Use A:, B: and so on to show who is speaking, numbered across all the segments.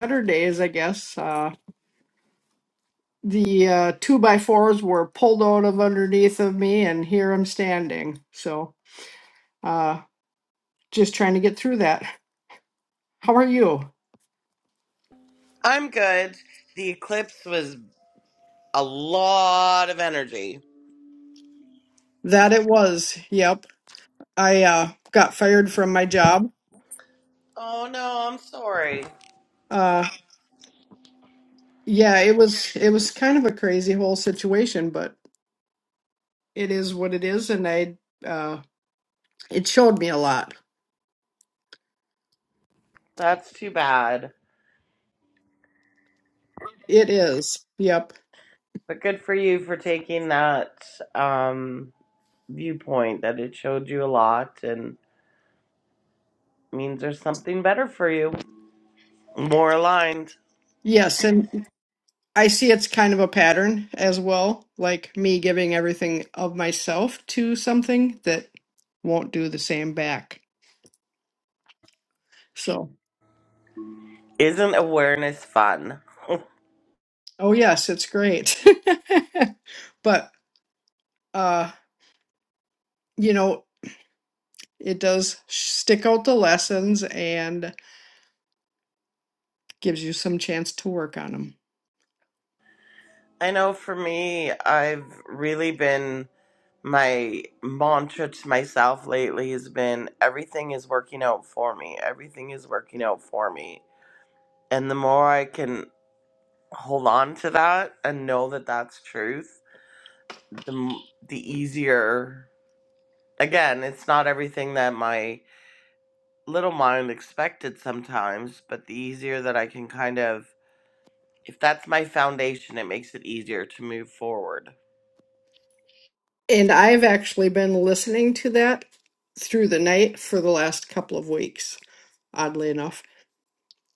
A: better days, I guess. Uh, the uh, two by fours were pulled out of underneath of me, and here I'm standing. So, uh, just trying to get through that. How are you?
B: I'm good. The eclipse was a lot of energy.
A: That it was. Yep, I uh, got fired from my job.
B: Oh no, I'm sorry.
A: Uh, yeah, it was. It was kind of a crazy whole situation, but it is what it is, and I. Uh, it showed me a lot.
B: That's too bad.
A: It is. Yep.
B: But good for you for taking that um viewpoint that it showed you a lot and means there's something better for you. More aligned.
A: Yes, and I see it's kind of a pattern as well, like me giving everything of myself to something that won't do the same back. So,
B: Isn't awareness fun?
A: oh yes, it's great. But uh, you know, it does stick out the lessons and gives you some chance to work on them.
B: I know for me, I've really been my mantra to myself lately has been everything is working out for me. Everything is working out for me And the more I can hold on to that and know that that's truth, the m- the easier. Again, it's not everything that my little mind expected sometimes, but the easier that I can kind of if that's my foundation, it makes it easier to move forward.
A: And I've actually been listening to that through the night for the last couple of weeks, oddly enough.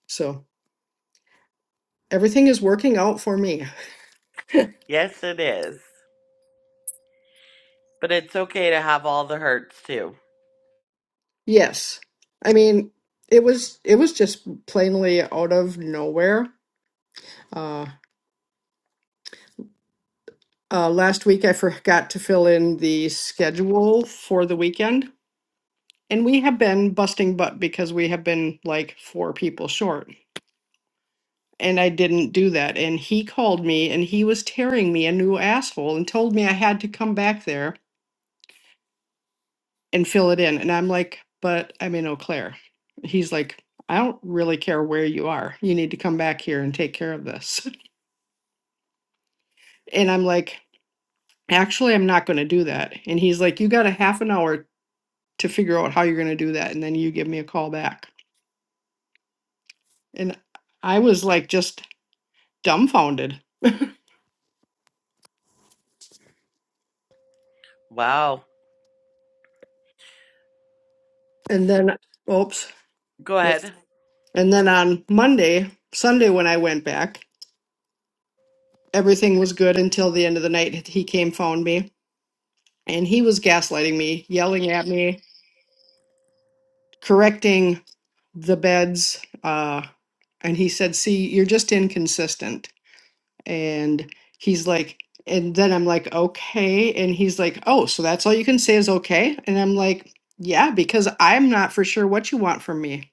A: So, everything is working out for me.
B: Yes, it is. But it's okay to have all the hurts too.
A: Yes. I mean, it was it was just plainly out of nowhere. Uh, uh, last week I forgot to fill in the schedule for the weekend, and we have been busting butt because we have been like four people short. And I didn't do that. And he called me and he was tearing me a new asshole and told me I had to come back there and fill it in. And I'm like, but I'm in Eau Claire. He's like, I don't really care where you are. You need to come back here and take care of this. And I'm like, actually, I'm not going to do that. And he's like, you got a half an hour to figure out how you're going to do that. And then you give me a call back. And I was like, just dumbfounded.
B: Wow.
A: And then, oops.
B: Go ahead.
A: And then on Monday, Sunday, when I went back, everything was good until the end of the night. He came, found me, and he was gaslighting me, yelling at me, correcting the beds. Uh, and he said, See, you're just inconsistent And he's like, and then I'm like, okay. And he's like, oh, so that's all you can say is okay. And I'm like, yeah, because I'm not for sure what you want from me.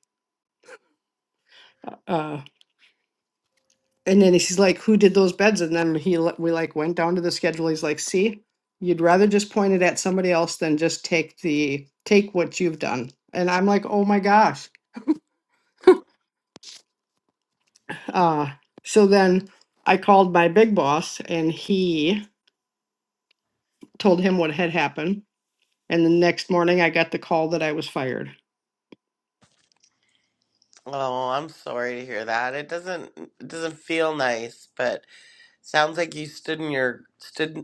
A: Uh, and then he's like, who did those beds? And then he li- we like went down to the schedule. He's like, see, you'd rather just point it at somebody else than just take the take what you've done. And I'm like, oh my gosh. Uh, so then I called my big boss and he told him what had happened. And the next morning I got the call that I was fired.
B: Oh, I'm sorry to hear that. It doesn't it doesn't feel nice, but Sounds like you stood in your stood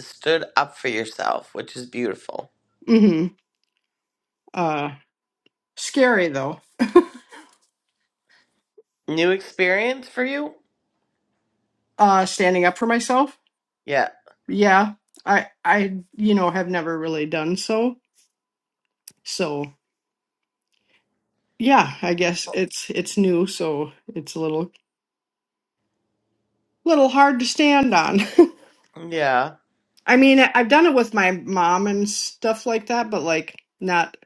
B: stood up for yourself, which is beautiful.
A: hmm Uh, scary though.
B: New experience for you?
A: Uh, standing up for myself.
B: Yeah.
A: Yeah, I, I, you know, have never really done so. So yeah, I guess it's it's new, so it's a little little hard to stand on.
B: Yeah.
A: I mean, I- I've done it with my mom and stuff like that, but like not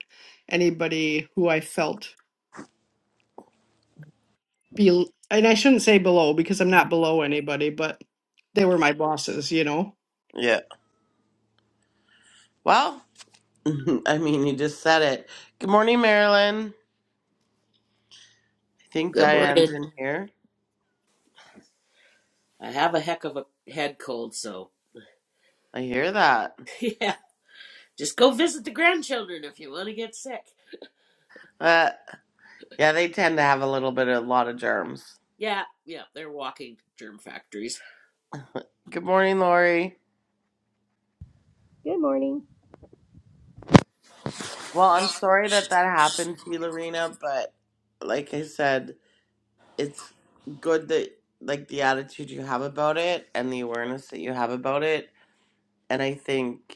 A: anybody who I felt be, and I shouldn't say below because I'm not below anybody, but they were my bosses, you know.
B: Yeah. Well, I mean, you just said it. Good morning, Marilyn. I think
C: Good
B: Diane's
C: morning.
B: in here.
C: I have a heck of a head cold, so
B: I hear that.
C: yeah. Just go visit the grandchildren if you want to get sick.
B: Uh, yeah, they tend to have a little bit, a lot of germs.
C: Yeah, yeah, they're walking germ factories.
B: Good morning, Lori.
D: Good morning.
B: Well, I'm sorry that that happened to you, Lorena, but like I said, it's good that, like, the attitude you have about it and the awareness that you have about it. And I think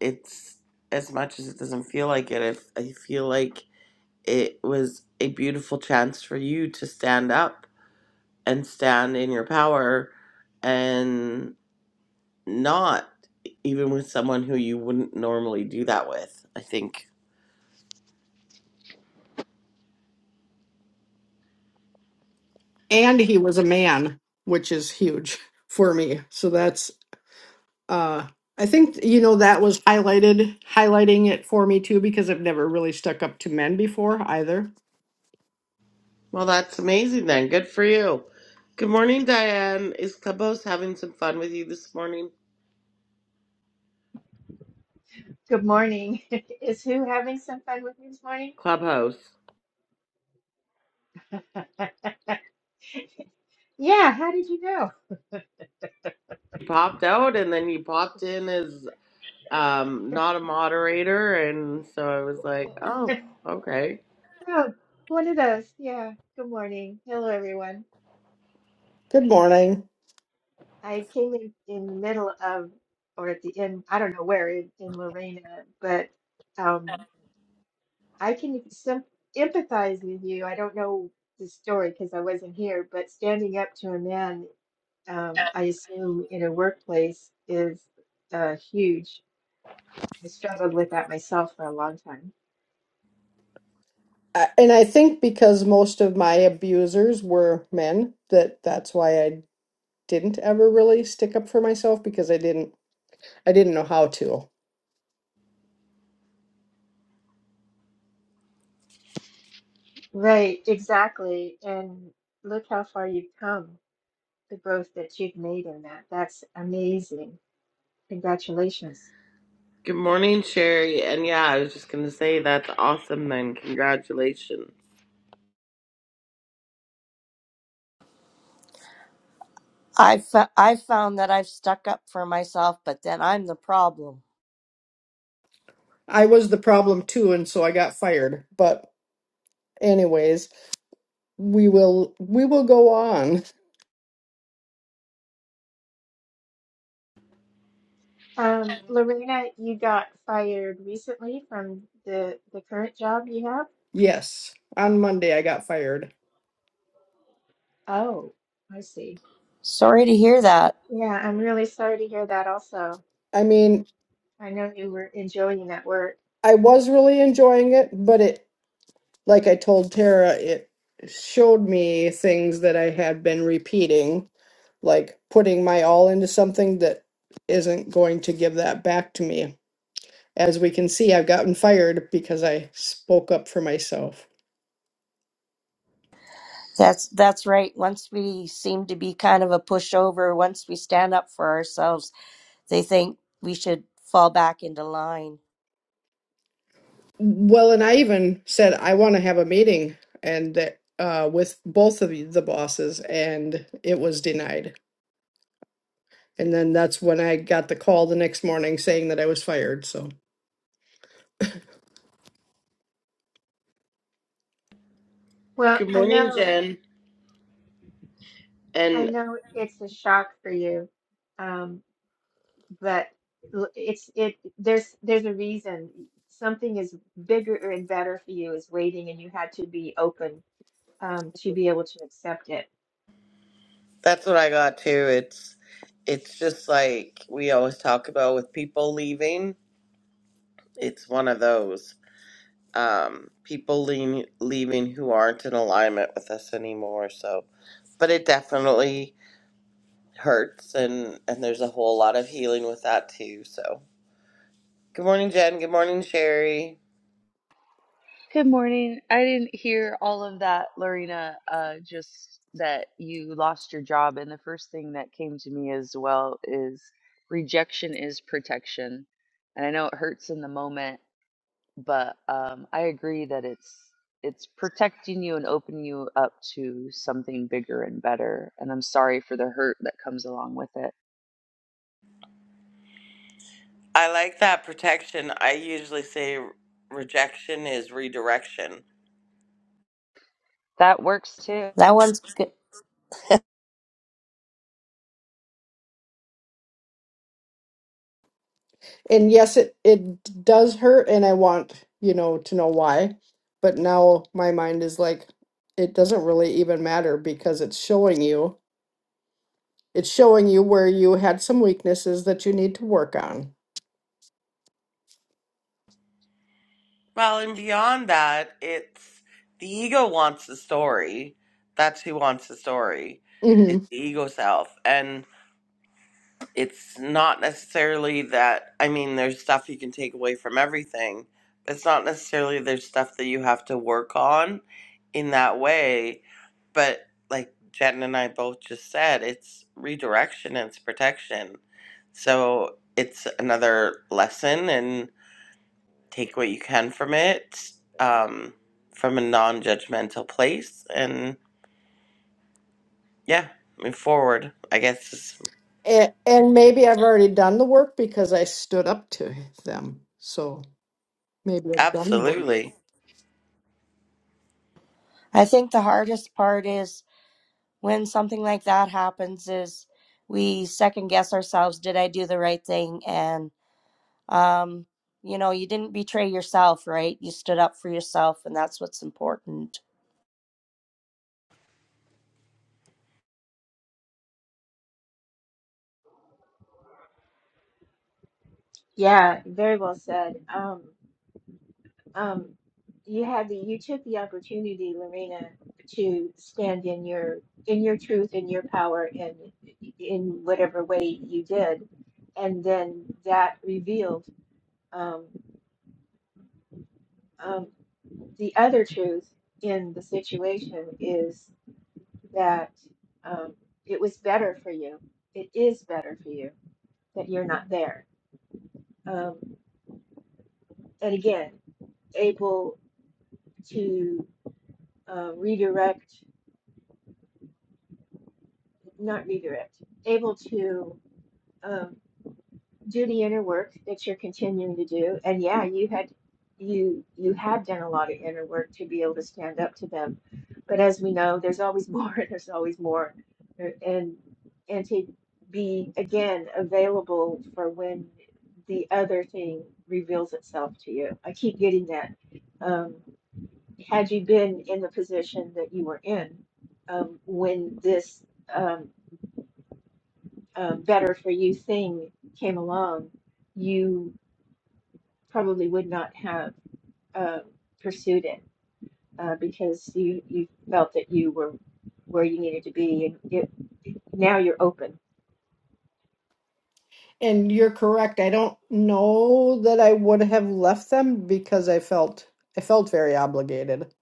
B: it's as much as it doesn't feel like it, I, I feel like it was a beautiful chance for you to stand up and stand in your power and not even with someone who you wouldn't normally do that with. I think.
A: and he was a man, which is huge for me. So that's uh I think you know that was highlighted highlighting it for me too because I've never really stuck up to men before either.
B: Well, that's amazing then. Good for you. Good morning, Diane. Is Clubhouse having some fun with you this morning?
E: Good morning. Is who having some fun with me this morning?
B: Clubhouse.
E: Yeah, how did you know?
B: You popped out and then you popped in as. um, not a moderator, and so I was like, oh, okay.
E: Oh, one of those. Yeah. Good morning. Hello, everyone.
A: Good morning.
E: I came in in the middle of, or at the end, I don't know where in, in Lorena, but um, I can sim- empathize with you. I don't know the story because I wasn't here, but standing up to a man, um, I assume in a workplace is uh, huge. I struggled with that myself for a long time.
A: I- And I think because most of my abusers were men that that's why I didn't ever really stick up for myself because I didn't I didn't know how to.
E: Right, exactly. And look how far you've come, the growth that you've made in that. That's amazing. Congratulations.
B: Good morning, Sherry. And yeah, I was just gonna say that's awesome. Then congratulations.
D: I fo- I found that I've stuck up for myself, but then I'm the problem.
A: I was the problem too and so I got fired. But anyways, we will we will go on
E: Um, Lorena, you got fired recently from the the current job you have?
A: Yes, on Monday I got fired.
E: Oh, I see.
D: Sorry to hear that.
E: Yeah, I'm really sorry to hear that also.
A: I mean,
E: I know you were enjoying that work.
A: I was really enjoying it, but it, like I told Tara, it showed me things that I had been repeating, like putting my all into something that isn't going to give that back to me. As we can see, I've gotten fired because I spoke up for myself.
D: That's that's right. Once we seem to be kind of a pushover, once we stand up for ourselves, they think we should fall back into line.
A: Well, and I even said I want to have a meeting and that uh, with both of the bosses, and it was denied. And then that's when I got the call the next morning saying that I was fired. So,
E: Well,
B: Good
E: I
B: morning,
E: know
B: Jen.
E: I
B: And
E: know it's a shock for you. Um, but l- it's it there's there's a reason something is bigger and better for you is waiting and you had to be open um to be able to accept it
B: that's what I got too. It's it's just like we always talk about with people leaving. It's one of those um, people lean, leaving who aren't in alignment with us anymore. So, but it definitely hurts, and and there's a whole lot of healing with that too. So. Good morning, Jen. Good morning, Sherry.
F: Good morning. I didn't hear all of that, Lorena. Uh, just that you lost your job. And the first thing that came to me as well is rejection is protection. And I know it hurts in the moment, but um, I agree that it's it's protecting you and opening you up to something bigger and better. And I'm sorry for the hurt that comes along with it.
B: I like that protection. I usually say re- rejection is redirection.
F: That works too.
D: That one's good.
A: and yes, it it does hurt, and I want you know to know why. But now my mind is like, it doesn't really even matter because it's showing you, it's showing you where you had some weaknesses that you need to work on.
B: Well, and beyond that, it's the ego wants the story. That's who wants the story.
A: hmm
B: It's the ego self. and. it's not necessarily that I mean there's stuff you can take away from everything, but it's not necessarily there's stuff that you have to work on in that way. But like Jen and I both just said, it's redirection and it's protection. So it's another lesson and take what you can from it um, from a non judgmental place and yeah, move forward. I guess
A: And, and maybe I've already done the work because I stood up to them. So maybe I've done the work.
B: absolutely.
D: I think the hardest part is when something like that happens is we second guess ourselves, did I do the right thing? And um you know you didn't betray yourself right you stood up for yourself and that's what's important
E: yeah very well said um um you had the you took the opportunity Lorena to stand in your in your truth in your power and in whatever way you did and then that revealed um, um, the other truth in the situation that um, it was better for you. It is better for you that you're not there. Um, and again, able to uh, redirect, not redirect, able to um, do the inner work that you're continuing to do. And yeah, you had you you had done a lot of inner work to be able to stand up to them. But as we know, there's always more, there's always more. And and to be again available for when the other thing reveals itself to you. I keep getting that. Um, had you been in the position that you were in um, when this um, um, better for you thing came along, you probably would not have um, pursued it uh, because you you felt that you were where you needed to be, and it, now you're open.
A: And you're correct. I don't know that I would have left them because I felt I felt very obligated,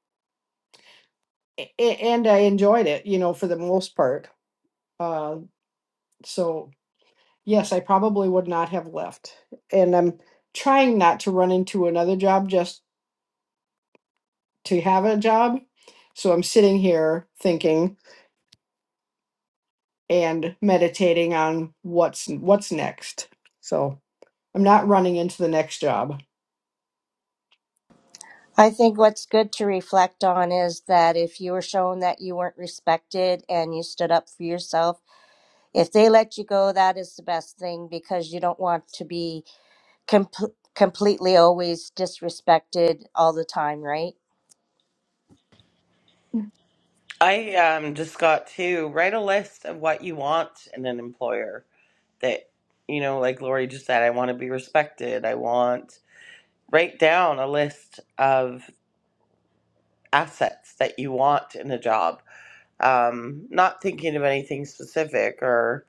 A: A- a- and I enjoyed it, you know, for the most part. Uh, so yes, I probably would not have left. And I'm trying not to run into another job just to have a job. So I'm sitting here thinking and meditating on what's what's next. So I'm not running into the next job.
D: i think what's good to reflect on is that if you were shown that you weren't respected and you stood up for yourself if they let you go that is the best thing because you don't want to be com completely always disrespected all the time right
B: I um, just got to write a list of what you want in an employer that, you know, like Lori just said, I want to be respected. I want, write down a list of assets that you want in a job. Um, not thinking of anything specific or,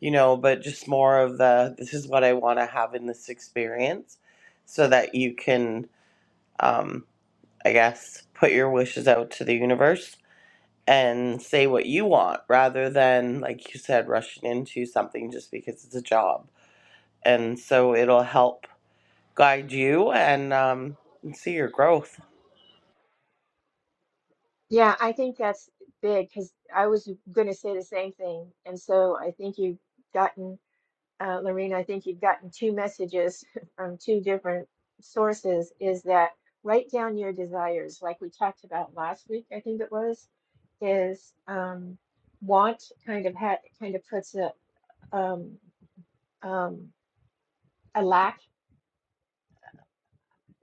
B: you know, but just more of the, this is what I want to have in this experience so that you can, um, I guess, put your wishes out to the universe and say what you want rather than, like you said, rushing into something just because it's a job. And so it'll help guide you and um, see your growth.
E: Yeah, I think that's big because I was going to say the same thing. And so I think you've gotten, uh, Lorena, I think you've gotten two messages from two different sources is that write down your desires, like we talked about last week, I think it was, is um, want kind of had kind of puts a um, um, a lack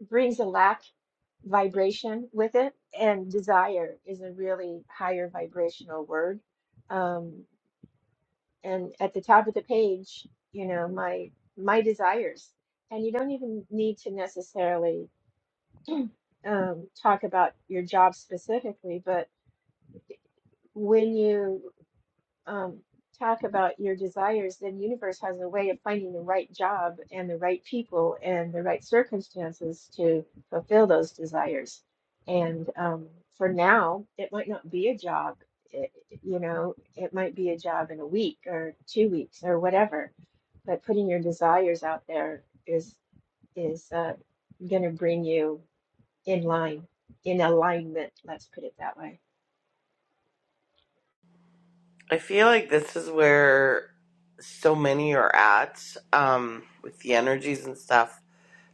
E: brings a lack vibration with it, and desire is a really higher vibrational word. Um, and at the top of the page, you know, my my desires, and you don't even need to necessarily um, talk about your job specifically, but when you um, talk about your desires, then universe has a way of finding the right job and the right people and the right circumstances to fulfill those desires. And um, for now, it might not be a job. It, you know, it might be a job in a week or two weeks or whatever. But putting your desires out there is is uh, going to bring you in line, in alignment. Let's put it that way.
B: I feel like this is where so many are at um, with the energies and stuff,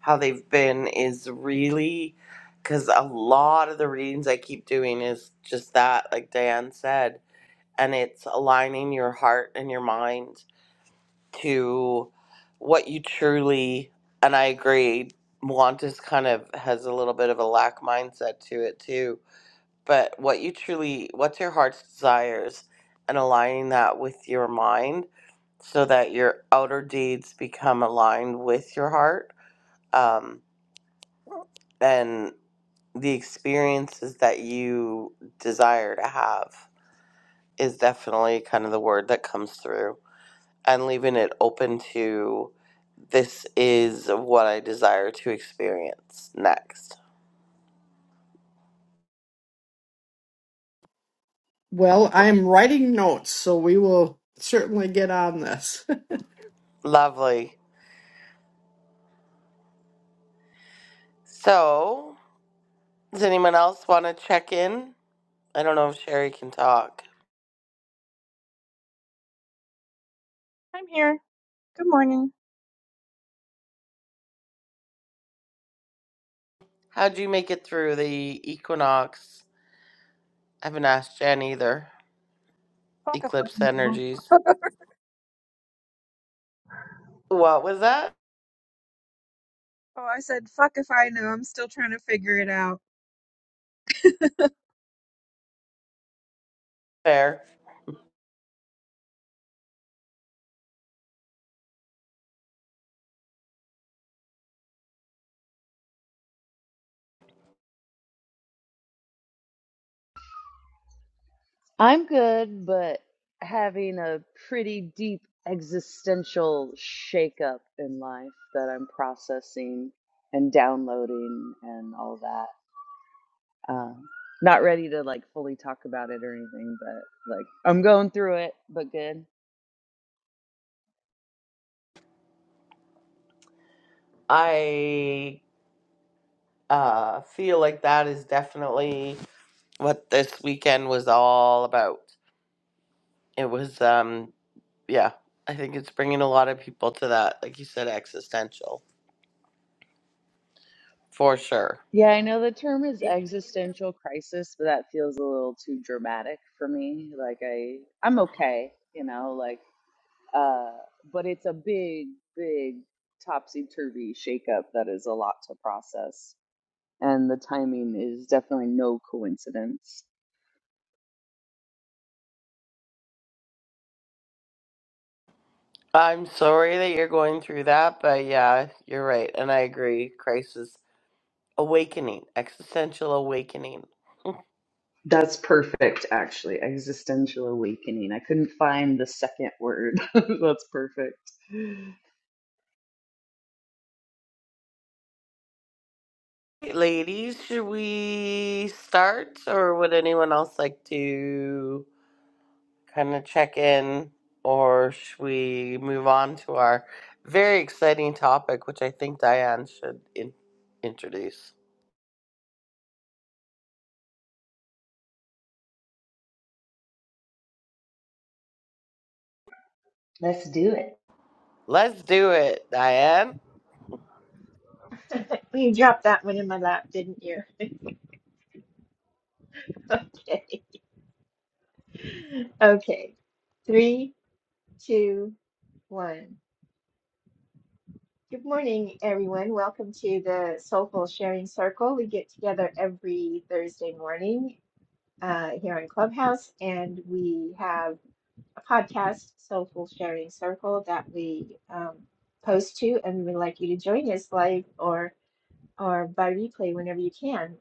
B: how they've been is really because a lot of the readings I keep doing is just that, like Diane said, and it's aligning your heart and your mind to what you truly and I agree Moantis kind of has a little bit of a lack mindset to it too but what you truly what's your heart's desires and aligning that with your mind so that your outer deeds become aligned with your heart um, and the experiences that you desire to have is definitely kind of the word that comes through and leaving it open to this is what I desire to experience next.
A: Well, I'm writing notes, so we will certainly get on this.
B: Lovely. So, does anyone else want to check in? I don't know if Sherry can talk.
G: I'm here. Good morning.
B: How'd you make it through the equinox? I haven't asked Jen either.
G: Fuck if I
B: Eclipse
G: know.
B: energies. What was that?
G: Oh, I said, fuck if I know. I'm still trying to figure it out.
B: Fair.
F: I'm good, but having a pretty deep existential shakeup in life that I'm processing and downloading and all that. Um, not ready to like fully talk about it or anything, but like I'm going through it, but good.
B: I uh, feel like that is definitely what this weekend was all about. It was um, yeah, I think it's bringing a lot of people to that, like you said, existential for sure.
F: Yeah, I know the term is existential crisis, but that feels a little too dramatic for me. Like I, I'm okay, you know, like. Uh, but it's a big, big topsy turvy shakeup that is a lot to process. And the timing is definitely no coincidence.
B: I'm sorry that you're going through that, but yeah, you're right, and I agree. Crisis awakening, existential awakening.
F: That's perfect, actually. Existential awakening. I couldn't find the second word. That's perfect.
B: Hey, Ladies, should we start, or would anyone else like to kind of check in, or should we move on to our very exciting topic, which I think Diane should in- introduce?
F: Let's do it.
B: Let's do it, Diane.
E: You dropped that one in my lap, didn't you? Okay. Okay. Three, two, one. Good morning, everyone. Welcome to the Soulful Sharing Circle. We get together every Thursday morning uh, here in Clubhouse, and we have a podcast, Soulful Sharing Circle, that we um, post to, and we'd like you to join us live or or by replay whenever you can.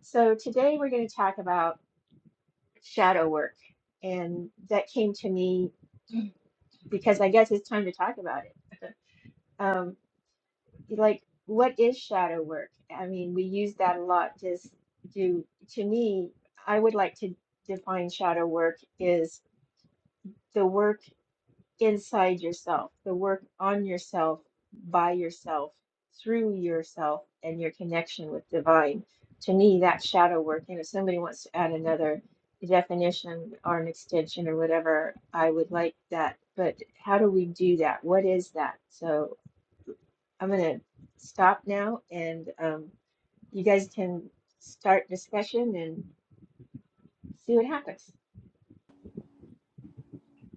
E: So today we're going to talk about shadow work, and that came to me because I guess it's time to talk about it. Um, like, what is shadow work? I mean, we use that a lot. Just do to me, I would like to define shadow work is the work inside yourself, the work on yourself, by yourself, through yourself, and your connection with divine. To me, that's shadow work. And if somebody wants to add another definition or an extension or whatever, I would like that. But how do we do that? What is that? So I'm going to stop now and um, you guys can start discussion and see what happens.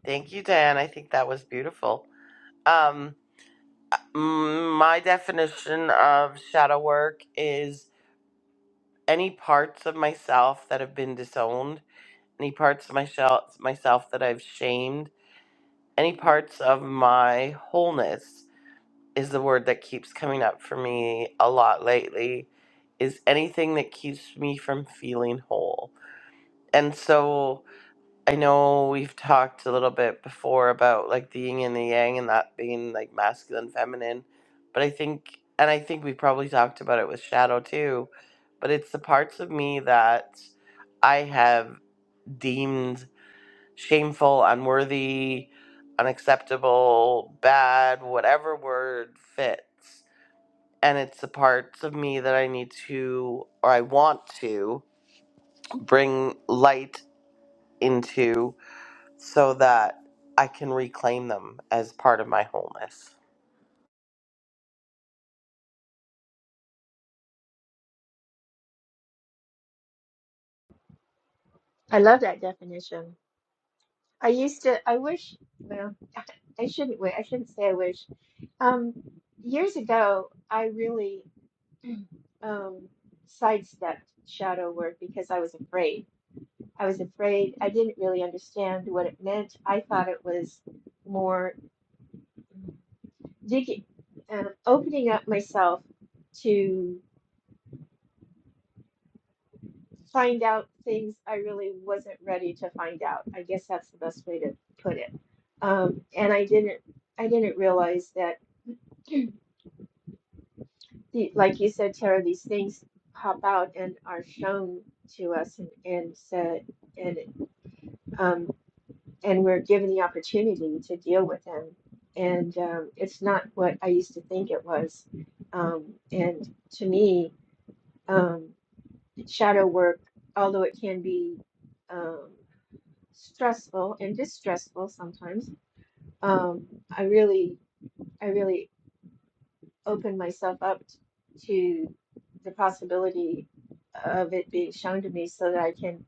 B: Thank you, Diane. I think that was beautiful. Um, mm, my definition of shadow work is any parts of myself that have been disowned, any parts of myself myself that I've shamed, any parts of my wholeness is the word that keeps coming up for me a lot lately. Is anything that keeps me from feeling whole, and so I know we've talked a little bit before about like the yin and the yang and that being like masculine, feminine, but I think, and I think we probably talked about it with Shadow too, but it's the parts of me that I have deemed shameful, unworthy, unacceptable, bad, whatever word fits. And it's the parts of me that I need to, or I want to, bring light into so that I can reclaim them as part of my wholeness.
E: I love that definition. I used to, I wish, well, I shouldn't, wi- I shouldn't say I wish. Um, years ago, I really um, sidestepped shadow work because I was afraid. I was afraid. I didn't really understand what it meant. I thought it was more digging, uh, opening up myself to. find out things I really wasn't ready to find out. I guess that's the best way to put it. Um, and I didn't I didn't realize that the, like you said, Tara, these things pop out and are shown to us and, and said and um, and we're given the opportunity to deal with them. And um, it's not what I used to think it was. Um, and to me, um, shadow work, although it can be um, stressful and distressful sometimes. Um, I really, I really opened myself up to the possibility of it being shown to me so that I can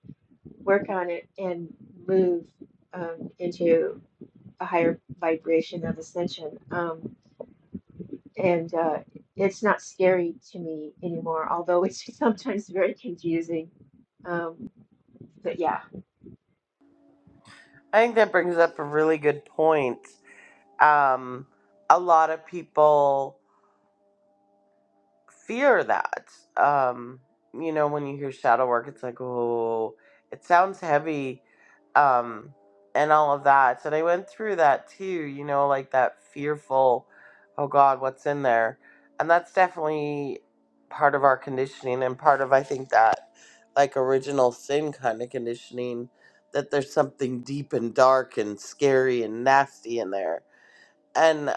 E: work on it and move um, into a higher vibration of ascension. Um, and uh, it's not scary to me anymore, although it's sometimes very confusing. Um, but yeah.
B: I think that brings up a really good point. Um, a lot of people fear that. Um, you know, when you hear shadow work, it's like, oh, it sounds heavy, um, and all of that. And I went through that too, you know, like that fearful, oh God, what's in there? And that's definitely part of our conditioning and part of, I think, that like original sin kind of conditioning that there's something deep and dark and scary and nasty in there. And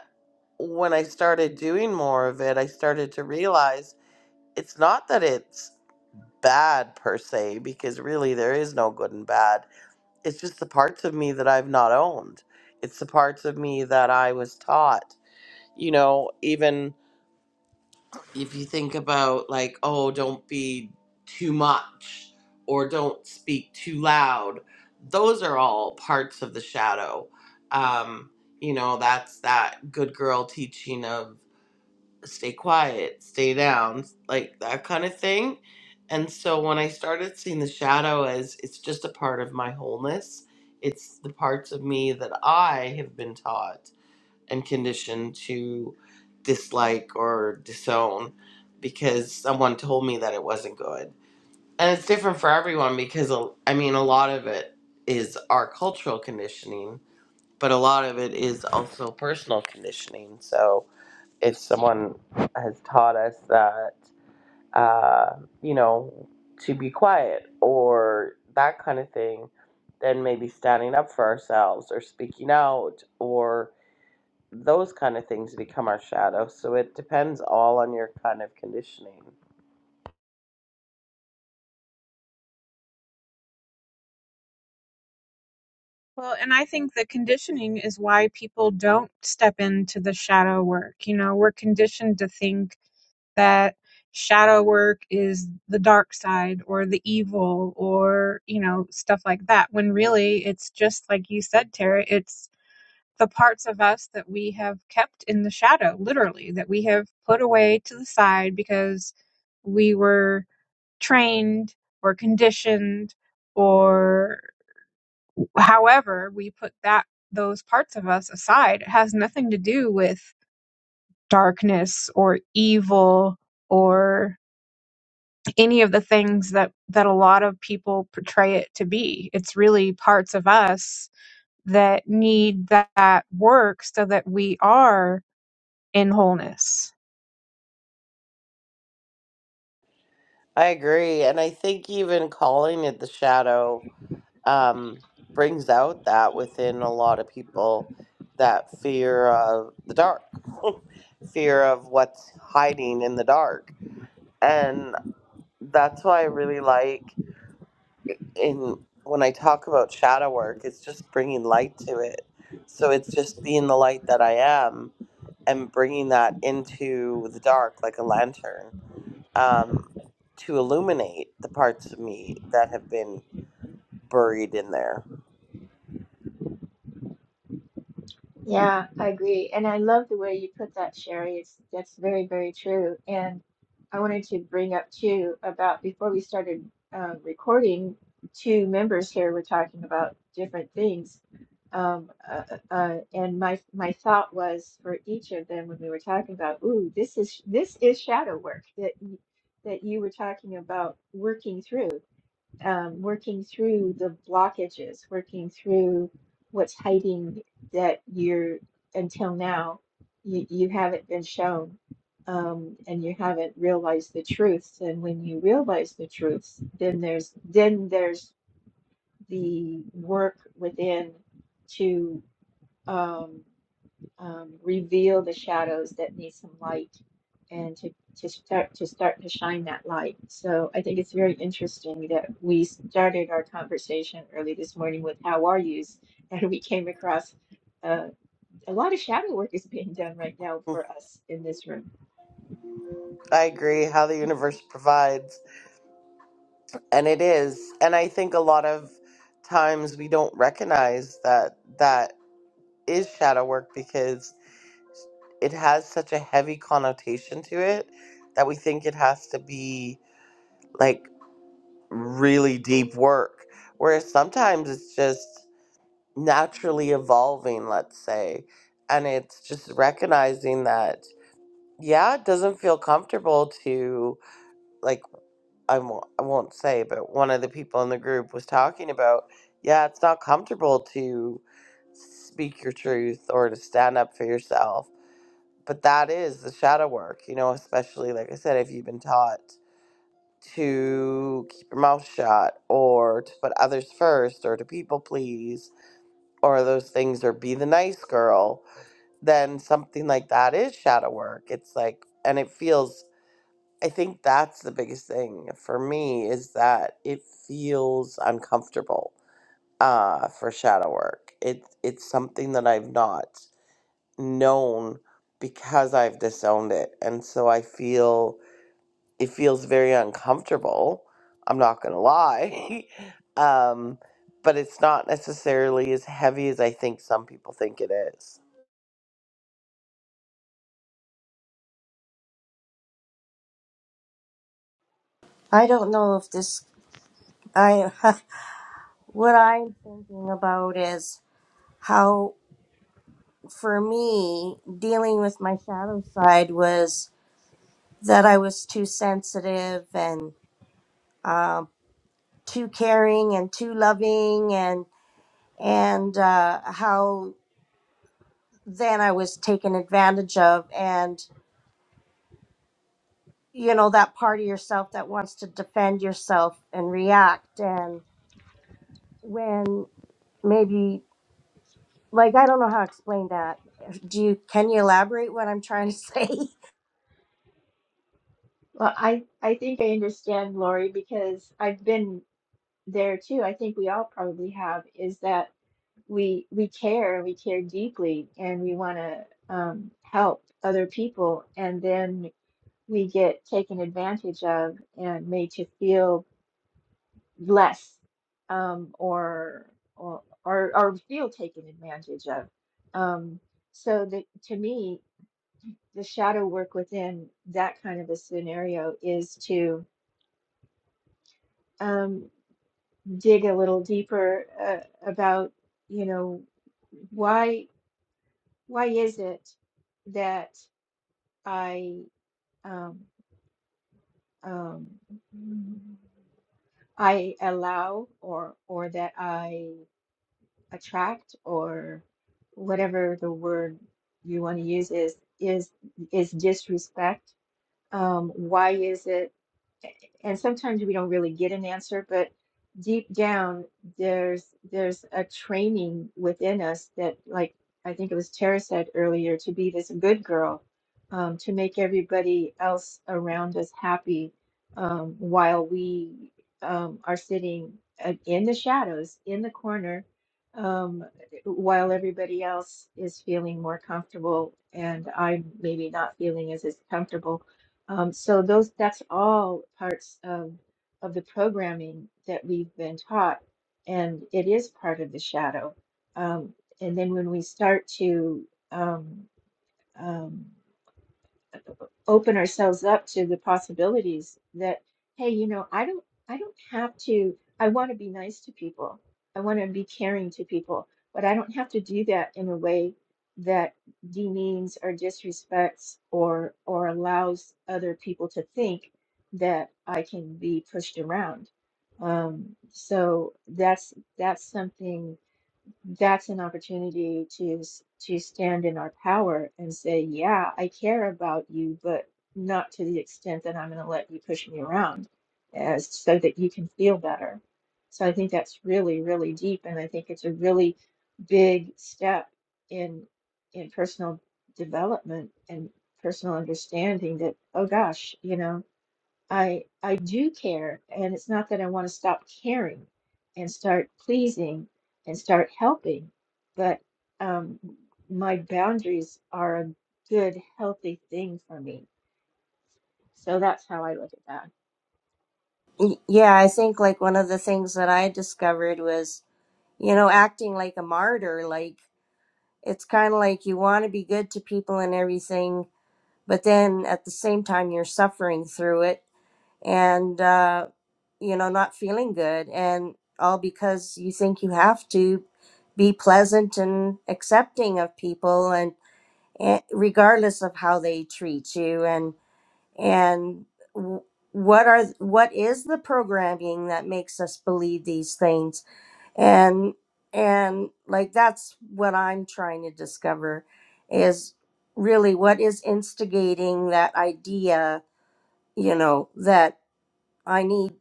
B: when I started doing more of it, I started to realize it's not that it's bad per se because really there is no good and bad it's just the parts of me that i've not owned it's the parts of me that i was taught you know even if you think about like oh don't be too much or don't speak too loud those are all parts of the shadow um you know that's that good girl teaching of stay quiet, stay down, like that kind of thing. And so when I started seeing the shadow as it's just a part of my wholeness, it's the parts of me that I have been taught and conditioned to dislike or disown because someone told me that it wasn't good. And it's different for everyone because, uh, I mean, a lot of it is our cultural conditioning, but a lot of it is also personal conditioning. So, if someone has taught us that uh, you know to be quiet or that kind of thing then maybe standing up for ourselves or speaking out or those kind of things become our shadow so it depends all on your kind of conditioning
G: Well, and I think the conditioning is why people don't step into the shadow work. You know, we're conditioned to think that shadow work is the dark side or the evil or, you know, stuff like that. When really it's just like you said, Tara, it's the parts of us that we have kept in the shadow, literally, that we have put away to the side because we were trained or conditioned or however we put that those parts of us aside it has nothing to do with darkness or evil or any of the things that that a lot of people portray it to be it's really parts of us that need that work so that we are in wholeness
B: i agree and i think even calling it the shadow um, brings out that within a lot of people that fear of the dark, fear of what's hiding in the dark. And that's why I really like in when I talk about shadow work, it's just bringing light to it. So it's just being the light that I am and bringing that into the dark like a lantern um, to illuminate the parts of me that have been buried in there
E: Yeah, I agree. And I love the way you put that, Sherry. It's that's very, very true. And I wanted to bring up too about before we started uh, recording, two members here were talking about different things. Um, uh, uh, uh, and my my thought was for each of them when we were talking about, ooh, this is this is shadow work that y- that you were talking about working through um, working through the blockages, working through what's hiding that you're until now you, you haven't been shown um, and you haven't realized the truths. And when you realize the truths, then there's then there's the work within to um, um, reveal the shadows that need some light and to, to start to start to shine that light. So I think it's very interesting that we started our conversation early this morning with how are yous and we came across uh, a lot of shadow work is being done right now
B: Mm,
E: for us in this room.
B: I agree how the universe provides and it is and I think a lot of times we don't recognize that that is shadow work because it has such a heavy connotation to it that we think it has to be like really deep work whereas sometimes it's just naturally evolving let's say and it's just recognizing that yeah, it doesn't feel comfortable to like I won't, I won't say, but one of the people in the group was talking about, yeah, it's not comfortable to speak your truth or to stand up for yourself. But that is the shadow work, you know, especially like I said, if you've been taught to keep your mouth shut or to put others first or to people please or those things or be the nice girl, then something like that is shadow work. It's like and it feels I think that's the biggest thing for me is that it feels uncomfortable uh, for shadow work. It it's something that I've not known because I've disowned it, and so I feel it feels very uncomfortable. I'm not gonna lie, um, but it's not necessarily as heavy as I think some people think it is.
D: i don't know if this i what i'm thinking about is how. for me, dealing with my shadow side was that I was too sensitive and um, too caring and too loving, and and uh, how then I was taken advantage of, and you know that part of yourself that wants to defend yourself and react, and when maybe like I don't know how to explain that. Do you can you elaborate what I'm trying to say?
E: Well, I, I think I understand, Lori, because I've been there too. I think we all probably have, is that we we care, we care deeply, and we want to um, help other people, and then we get taken advantage of and made to feel less, um, or or or or feel taken advantage of. Um, so the, to me, the shadow work within that kind of a scenario is to um, dig a little deeper uh, about, you know, why why is it? that I um, um, I allow or or that I attract or whatever the word you want to use is is is disrespect. Um, why is it? and sometimes we don't really get an answer, but deep down there's there's a training within us that like I think it was Tara said earlier to be this good girl, um, to make everybody else around us happy um, while we um, are sitting uh, in the shadows in the corner um, while everybody else is feeling more comfortable and I'm maybe not feeling as as comfortable um, so those that's all parts of of the programming that we've been taught, and it is part of the shadow. Um, and then when we start to um, um, open ourselves up to the possibilities that hey you know i don't i don't have to i want to be nice to people i want to be caring to people but i don't have to do that in a way that demeans or disrespects or or allows other people to think that i can be pushed around um, so that's that's something that's an opportunity to s- to stand in our power and say, yeah, I care about you, but not to the extent that I'm going to let you push me around, as so that you can feel better. So I think that's really, really deep, and I think it's a really big step in in personal development and personal understanding that, oh gosh, you know. I I do care, and it's not that I want to stop caring and start pleasing and start helping, but um, my boundaries are a good, healthy thing for me. So that's how I look at that.
D: Y- Yeah, I think like one of the things that I discovered was you know, acting like a martyr. Like it's kind of like you want to be good to people and everything, but then at the same time you're suffering through it and uh, you know not feeling good, and all because you think you have to be pleasant and accepting of people and, and regardless of how they treat you and and w- what are what is the programming that makes us believe these things and and like that's what i'm trying to discover is really what is instigating that idea you know that i need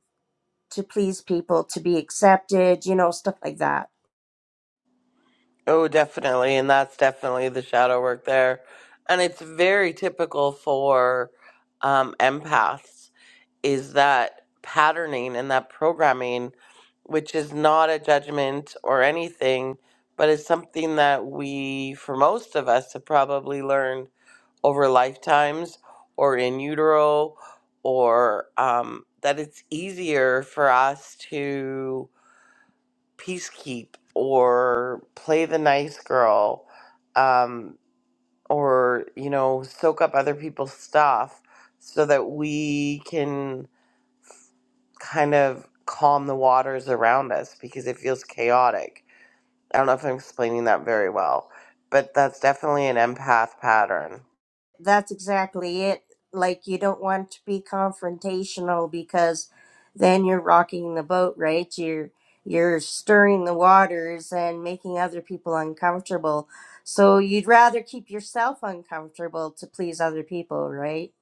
D: to please people to be accepted you know stuff like that
B: Oh, definitely. And that's definitely the shadow work there. And it's very typical for um, empaths is that patterning and that programming, which is not a judgment or anything, but is something that we, for most of us, have probably learned over lifetimes or in utero, or um, that it's easier for us to Peacekeep or play the nice girl um, or, you know, soak up other people's stuff so that we can kind of calm the waters around us because it feels chaotic. I don't know if I'm explaining that very well, but that's definitely an empath pattern.
D: That's exactly it. Like you don't want to be confrontational because then you're rocking the boat, right? You're you're stirring the waters and making other people uncomfortable. So you'd rather keep yourself uncomfortable to please other people, right?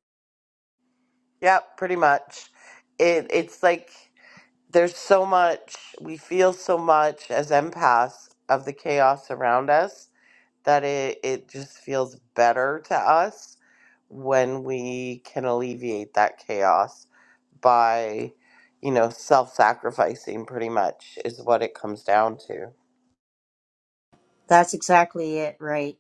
B: Yep, pretty much. It, it's like there's so much, we feel so much as empaths of the chaos around us that it, it just feels better to us when we can alleviate that chaos by, you know, self sacrificing, pretty much, is what it comes down to.
D: That's exactly it, right?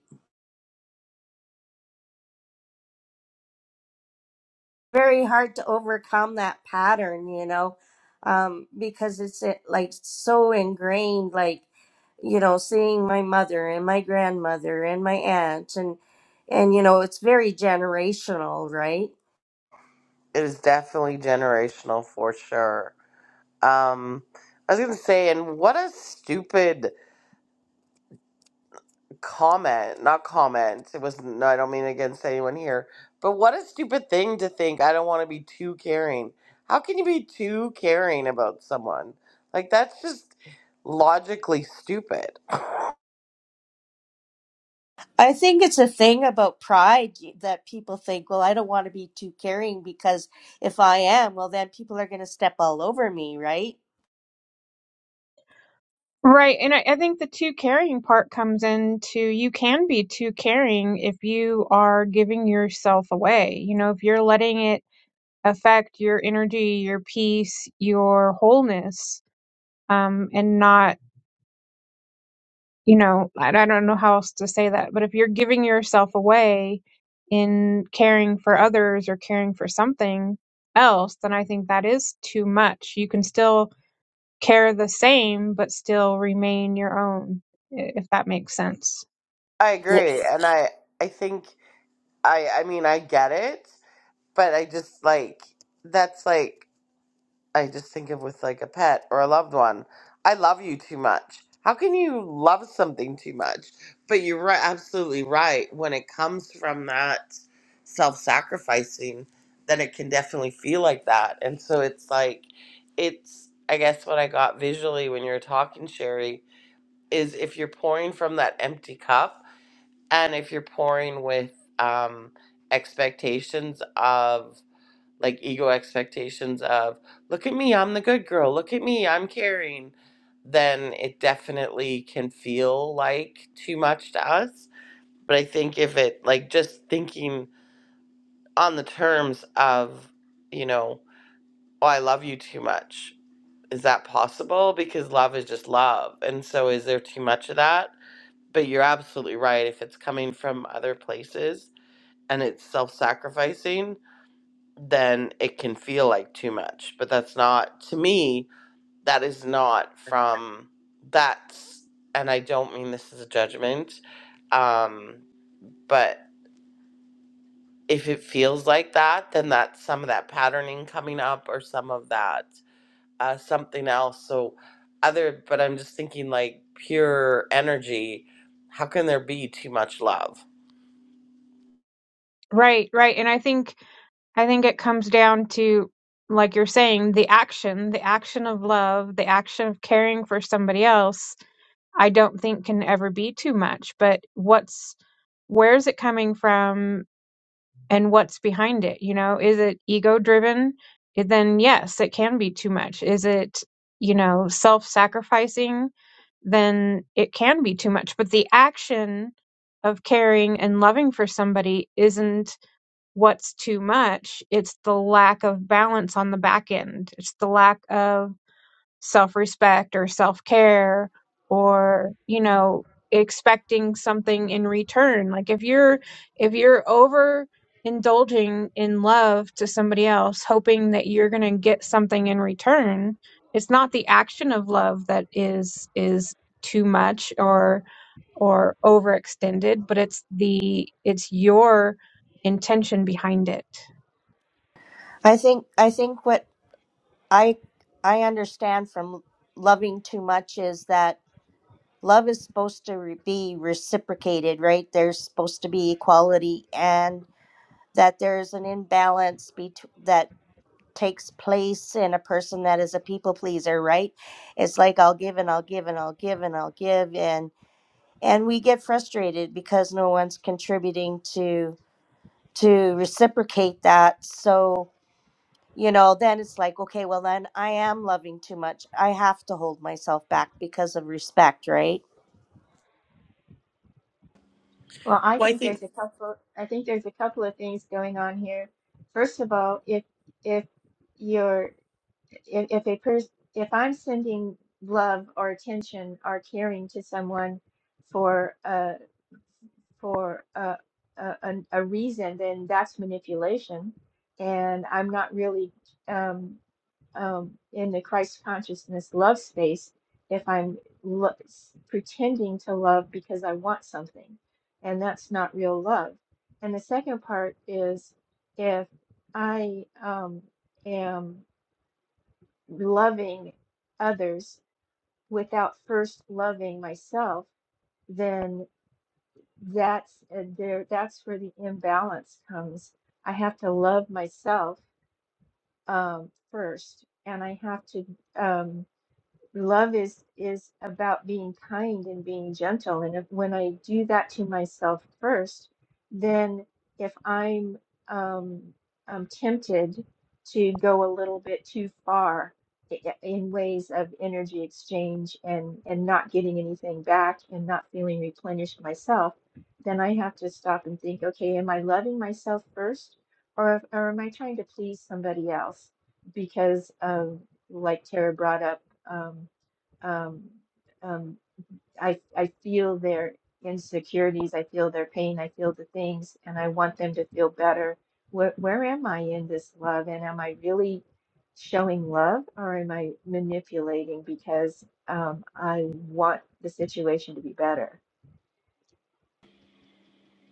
D: very hard to overcome that pattern, you know, um, because it's eh, like so ingrained, like, you know, seeing my mother and my grandmother and my aunt and, and, you know, it's very generational, right?
B: It is definitely generational for sure. Um, I was going to say, and what a stupid comment, not comment. It was no, I don't mean against anyone here. But what a stupid thing to think. I don't want to be too caring. How can you be too caring about someone? Like that's just logically stupid.
D: I think it's a thing about pride that people think, well, I don't want to be too caring because if I am, well, then people are going to step all over me, right?
G: Right. And I, I think the too caring part comes into you can be too caring if you are giving yourself away. You know, if you're letting it affect your energy, your peace, your wholeness, um, and not, you know, I, I don't know how else to say that, but if you're giving yourself away in caring for others or caring for something else, then I think that is too much. You can still care the same but still remain your own if that makes sense
B: I
D: Yeah.
B: agree, and I I think I I mean I get it, but I just like that's like I just think of with like a pet or a loved one. I love you too much. How can you love something too much? But you're right, absolutely right. When it comes from that self sacrificing, then it can definitely feel like that. And so it's like, it's, I guess, what I got visually when you were talking, Sherry, is if you're pouring from that empty cup and if you're pouring with um, expectations of like ego expectations of look at me i'm the good girl look at me i'm caring then it definitely can feel like too much to us but i think if it like just thinking on the terms of you know oh i love you too much is that possible because love is just love and so is there too much of that but you're absolutely right if it's coming from other places and it's self-sacrificing then it can feel like too much. But that's not, to me, that is not from, that's, and I don't mean this as a judgment, um, but if it feels like that, then that's some of that patterning coming up or some of that uh, something else. So, other, but I'm just thinking like pure energy, how can there be too much love?
G: right right and i think i think it comes down to like you're saying the action the action of love the action of caring for somebody else i don't think can ever be too much but what's where's it coming from and what's behind it you know is it ego driven then yes it can be too much is it you know self-sacrificing then it can be too much but the action of caring and loving for somebody isn't what's too much it's the lack of balance on the back end it's the lack of self respect or self care or, you know, expecting something in return. Like if you're, if you're over indulging in love to somebody else, hoping that you're going to get something in return, it's not the action of love that is, is too much or, or overextended, but it's the, it's your intention behind it
D: I think, I think what I, I understand from loving too much is that love is supposed to re- be reciprocated, right? There's supposed to be equality, and that there's an imbalance bet- that takes place in a person that is a people pleaser, right? It's like I'll give and I'll give and I'll give and I'll give, and and we get frustrated because no one's contributing to to reciprocate that. So you know then it's like okay well then i am loving too much i have to hold myself back because of respect right
E: Well, I
B: Well, I
E: think
B: think,
E: there's a couple. I think there's a couple of things going on here. First of all, if if you're if, if a person if I'm sending love or attention or caring to someone for for a, a, an- a reason, then that's manipulation. And I'm not really um, um, in the Christ consciousness love space if I'm lo- s- pretending to love because I want something. And that's not real love. And the second part is if I um, am loving others without first loving myself, that's uh, there. That's where the imbalance comes. I have to love myself um, first, and I have to. um, love is is about being kind and being gentle and if, when i do that to myself first then if i'm um, um tempted to go a little bit too far i- i- in ways of energy exchange and and not getting anything back and not feeling replenished myself then i have to stop and think okay am i loving myself first or, or am i trying to please somebody else because of like tara brought up um, um, um, I I feel their insecurities, I feel their pain, I feel the things, and I want them to feel better. Where where am I in this love? And am I really showing love, or am I manipulating because um, I want the situation to be better?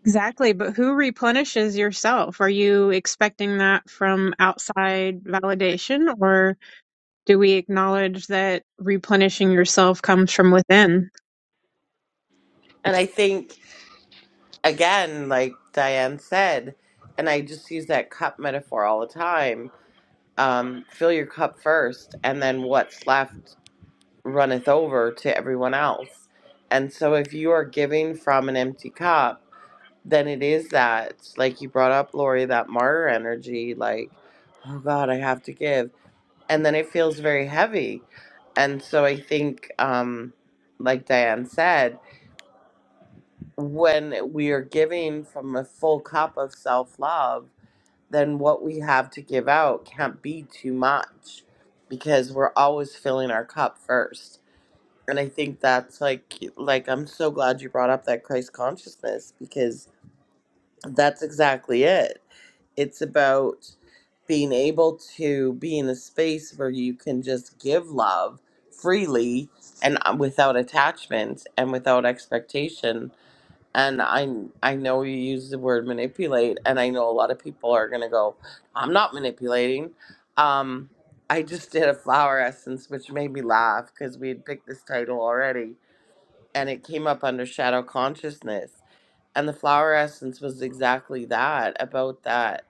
G: Exactly, but who replenishes yourself? Are you expecting that from outside validation, or do we acknowledge that replenishing yourself comes from within?
B: and I think again, like Diane said, and I just use that cup metaphor all the time. Um, fill your cup first, and then what's left runneth over to everyone else. And so, if you are giving from an empty cup, then it is that, like you brought up, Lori, that martyr energy, like, oh God, I have to give. And then it feels very heavy. And so, I think, um, like Diane said, when we are giving from a full cup of self love, then what we have to give out can't be too much because we're always filling our cup first. And I think that's like like I'm so glad you brought up that Christ consciousness because that's exactly it. It's about being able to be in a space where you can just give love freely and uh, without attachment and without expectation and I I know you use the word manipulate, and I know a lot of people are gonna go, I'm not manipulating. Um, I just did a flower essence, which made me laugh because we had picked this title already, and it came up under shadow consciousness, and the flower essence was exactly that about that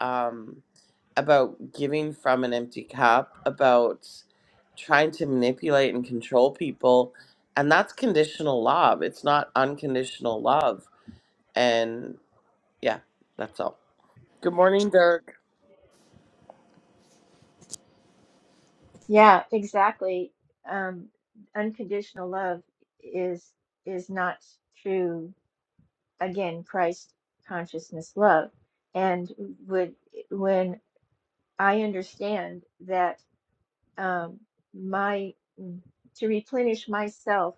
B: um, about giving from an empty cup, about trying to manipulate and control people, and that's conditional love. It's not unconditional love and yeah, that's all. Good morning, Dirk.
E: Yeah, exactly. Um, unconditional love is is not true. Again, Christ consciousness love and would when I understand that um, my mm, to replenish myself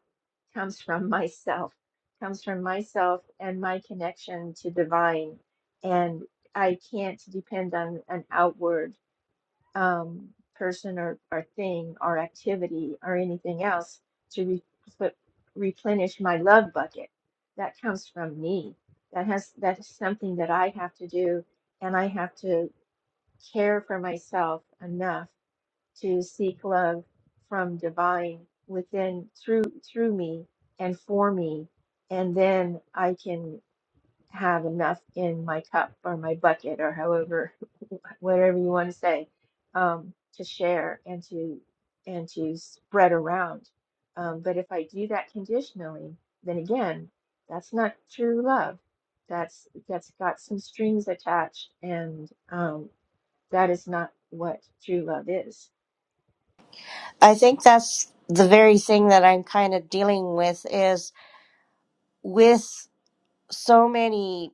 E: comes from myself, comes from myself and my connection to divine, and I can't depend on an outward um, person or, or thing or activity or anything else to re- put- replenish my love bucket. That comes from me. That has that is something that I have to do, and I have to care for myself enough to seek love from divine within through through me and for me and then i can have enough in my cup or my bucket or however whatever you want to say um, to share and to and to spread around um, but if i do that conditionally then again that's not true love that's that's got some strings attached and um, that is not what true love is.
D: I think that's the very thing that I'm kind of dealing with is with so many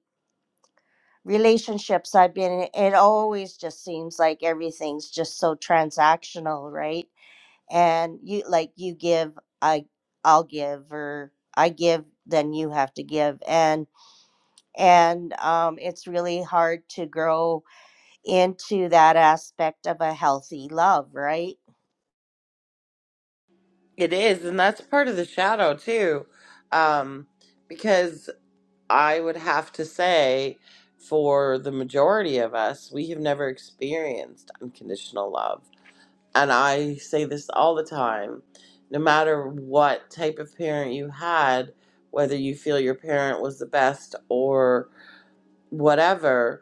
D: relationships I've been in, it always just seems like everything's just so transactional, right? And you like you give, I I'll give or I give, then you have to give. And and um, it's really hard to grow into that aspect of a healthy love, right?
B: It is, and that's part of the shadow too. Um, because I would have to say, for the majority of us, we have never experienced unconditional love. And I say this all the time no matter what type of parent you had, whether you feel your parent was the best or whatever,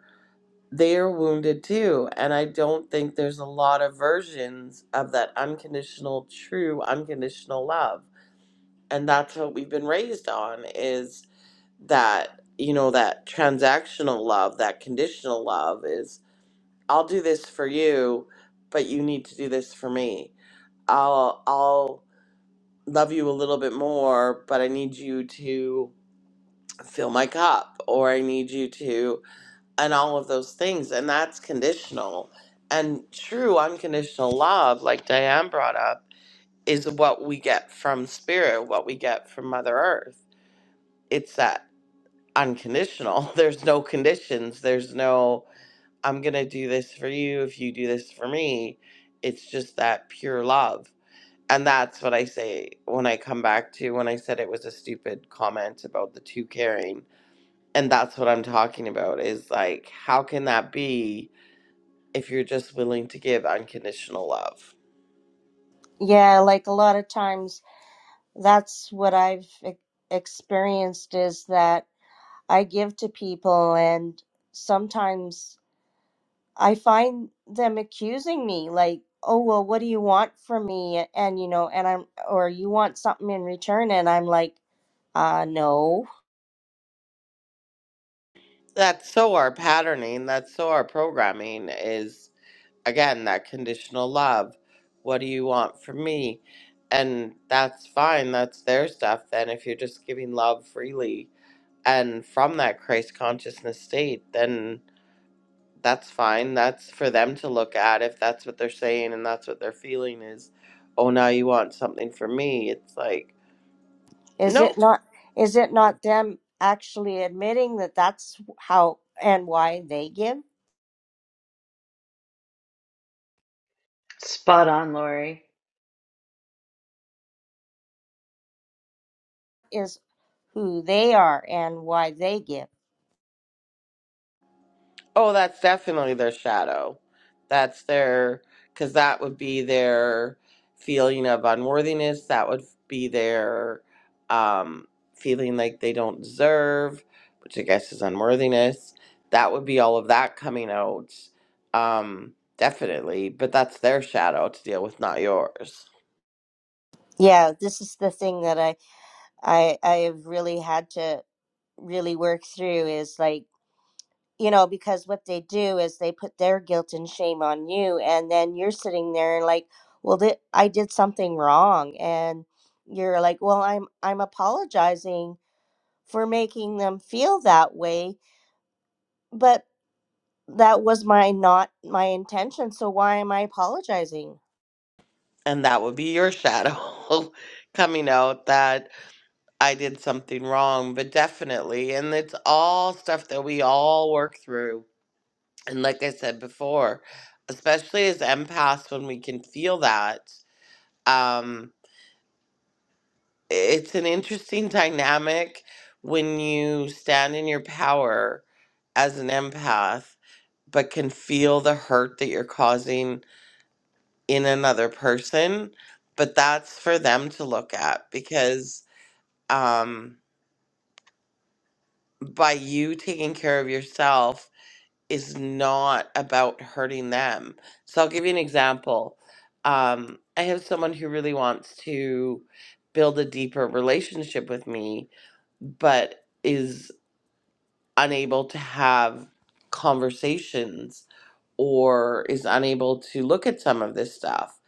B: they're wounded too. And I don't think there's a lot of versions of that unconditional, true, unconditional love. And that's what we've been raised on is that, you know, that transactional love, that conditional love is I'll do this for you, but you need to do this for me. I'll I'll love you a little bit more, but I need you to fill my cup or I need you to and all of those things and that's conditional and true unconditional love like diane brought up is what we get from spirit what we get from mother earth it's that unconditional there's no conditions there's no i'm gonna do this for you if you do this for me it's just that pure love and that's what i say when i come back to when i said it was a stupid comment about the two caring and that's what i'm talking about is like how can that be if you're just willing to give unconditional love.
D: Yeah, like a lot of times that's what I've e- experienced is that I give to people and sometimes I find them accusing me like, "Oh, well, what do you want from me?" and you know, and I'm or you want something in return and I'm like, "Uh, no.
B: That's so our patterning, that's so our programming is again that conditional love. What do you want from me? And that's fine, that's their stuff. Then if you're just giving love freely and from that Christ consciousness state, then that's fine. That's for them to look at if that's what they're saying and that's what they're feeling is, oh, now you want something from me. It's like,
D: Is
B: nope.
D: it not is it not them actually admitting that that's how and why they give
F: Spot on, Lori.
D: is who they are and why they give?"
B: Oh, that's definitely their shadow. That's their, because that would be their feeling of unworthiness. That would be their um, feeling like they don't deserve, which I guess is unworthiness. That would be all of that coming out. Um, definitely. But that's their shadow to deal with, not yours.
D: Yeah, this is the thing that I I I have really had to really work through is like you know because what they do is they put their guilt and shame on you and then you're sitting there and like well th- I did something wrong and you're like well I'm I'm apologizing for making them feel that way but that was my not my intention so why am I apologizing
B: And that would be your shadow coming out I did something wrong, but definitely. And it's all stuff that we all work through. And like I said before, especially as empaths, when we can feel that, um, it's an interesting dynamic when you stand in your power as an empath, but can feel the hurt that you're causing in another person. But that's for them to look at because um, by you taking care of yourself, is not about hurting them. So I'll give you an example. Um, I have someone who really wants to build a deeper relationship with me, but is unable to have conversations or is unable to look at some of this stuff.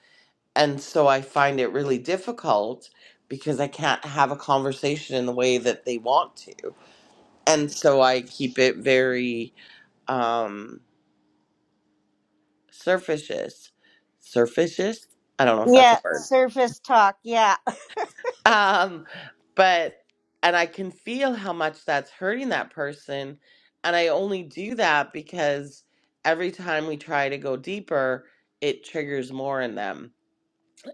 B: And so I find it really difficult because I can't have a conversation in the way that they want to. And so I keep it very, um, surfacious surfacious i don't know if that's a
D: yeah
B: word
D: surface talk yeah
B: um but and i can feel how much that's hurting that person and i only do that because every time we try to go deeper it triggers more in them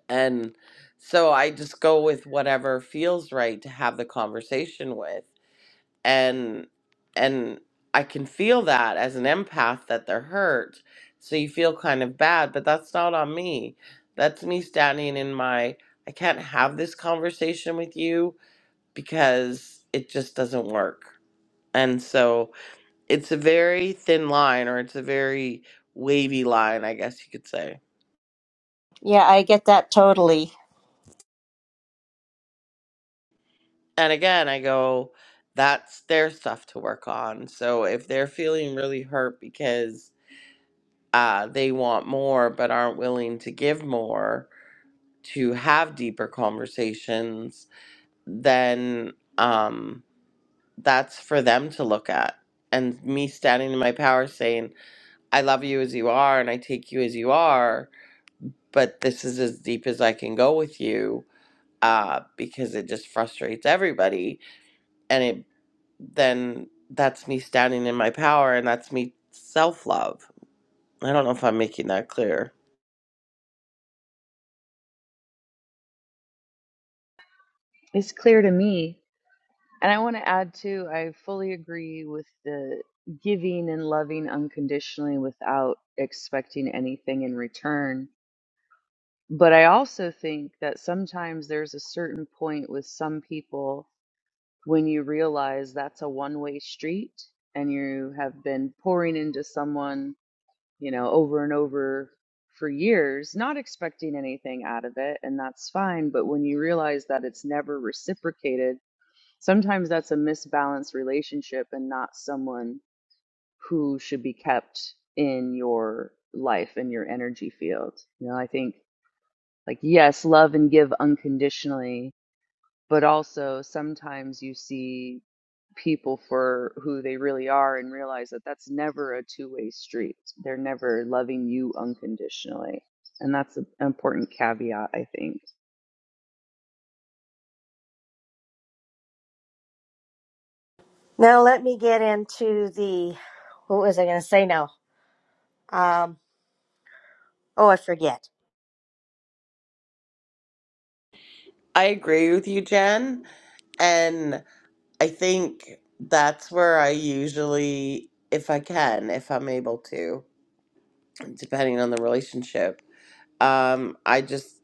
B: and so i just go with whatever feels right to have the conversation with and and I can feel that as an empath that they're hurt. So you feel kind of bad, but that's not on me. That's me standing in my I can't have this conversation with you because it just doesn't work. And so it's a very thin line or it's a very wavy line, I guess you could say.
D: yeah I get that totally
B: And again, I go that's their stuff to work on. So if they're feeling really hurt because uh, they want more but aren't willing to give more to have deeper conversations, then um, that's for them to look at. And me standing in my power saying, I love you as you are and I take you as you are, but this is as deep as I can go with you uh, because it just frustrates everybody. And it then that's me standing in my power and that's me self love. I don't know if I'm making that clear.
F: It's clear to me. And I want to add too, I fully agree with the giving and loving unconditionally without expecting anything in return. But I also think that sometimes there's a certain point with some people when you realize that's a one way street and you have been pouring into someone, you know, over and over for years, not expecting anything out of it, and that's fine. But when you realize that it's never reciprocated, sometimes that's a misbalanced relationship and not someone who should be kept in your life and your energy field. You know, I think like yes love and give unconditionally but also sometimes you see people for who they really are and realize that that's never a two-way street they're never loving you unconditionally and that's an important caveat i think
D: Now let me get into the what was I going to say now? Um, oh, I forget.
B: I agree with you, Jen. And I think that's where I usually, if I can, if I'm able to, depending on the relationship, um, I just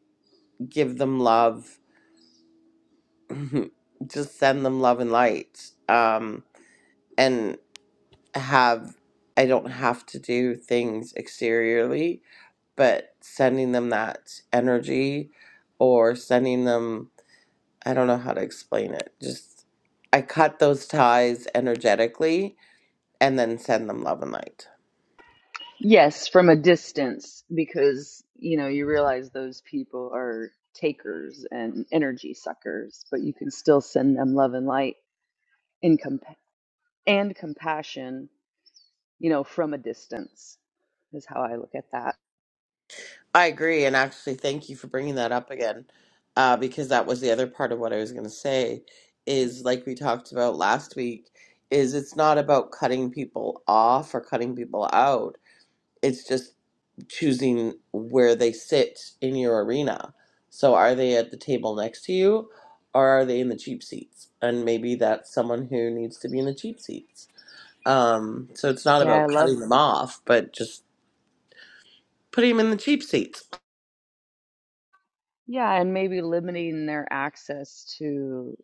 B: give them love, just send them love and light, um, and have, I don't have to do things exteriorly, but sending them that energy or sending them, I don't know how to explain it, just I cut those ties energetically and then send them love and light.
F: yes from a distance because you know you realize those people are takers and energy suckers but you can still send them love and light and, comp- and compassion you know, from a distance is how I look at that.
B: I agree, and actually, thank you for bringing that up again, uh, because that was the other part of what I was going to say. Is like we talked about last week. Is it's not about cutting people off or cutting people out. It's just choosing where they sit in your arena. So are they at the table next to you, or are they in the cheap seats? And maybe that's someone who needs to be in the cheap seats. Um, so it's not
F: Yeah, I
B: about
F: love,
B: cutting them off, but just putting them in the cheap seats.
F: yeah, and maybe limiting their access to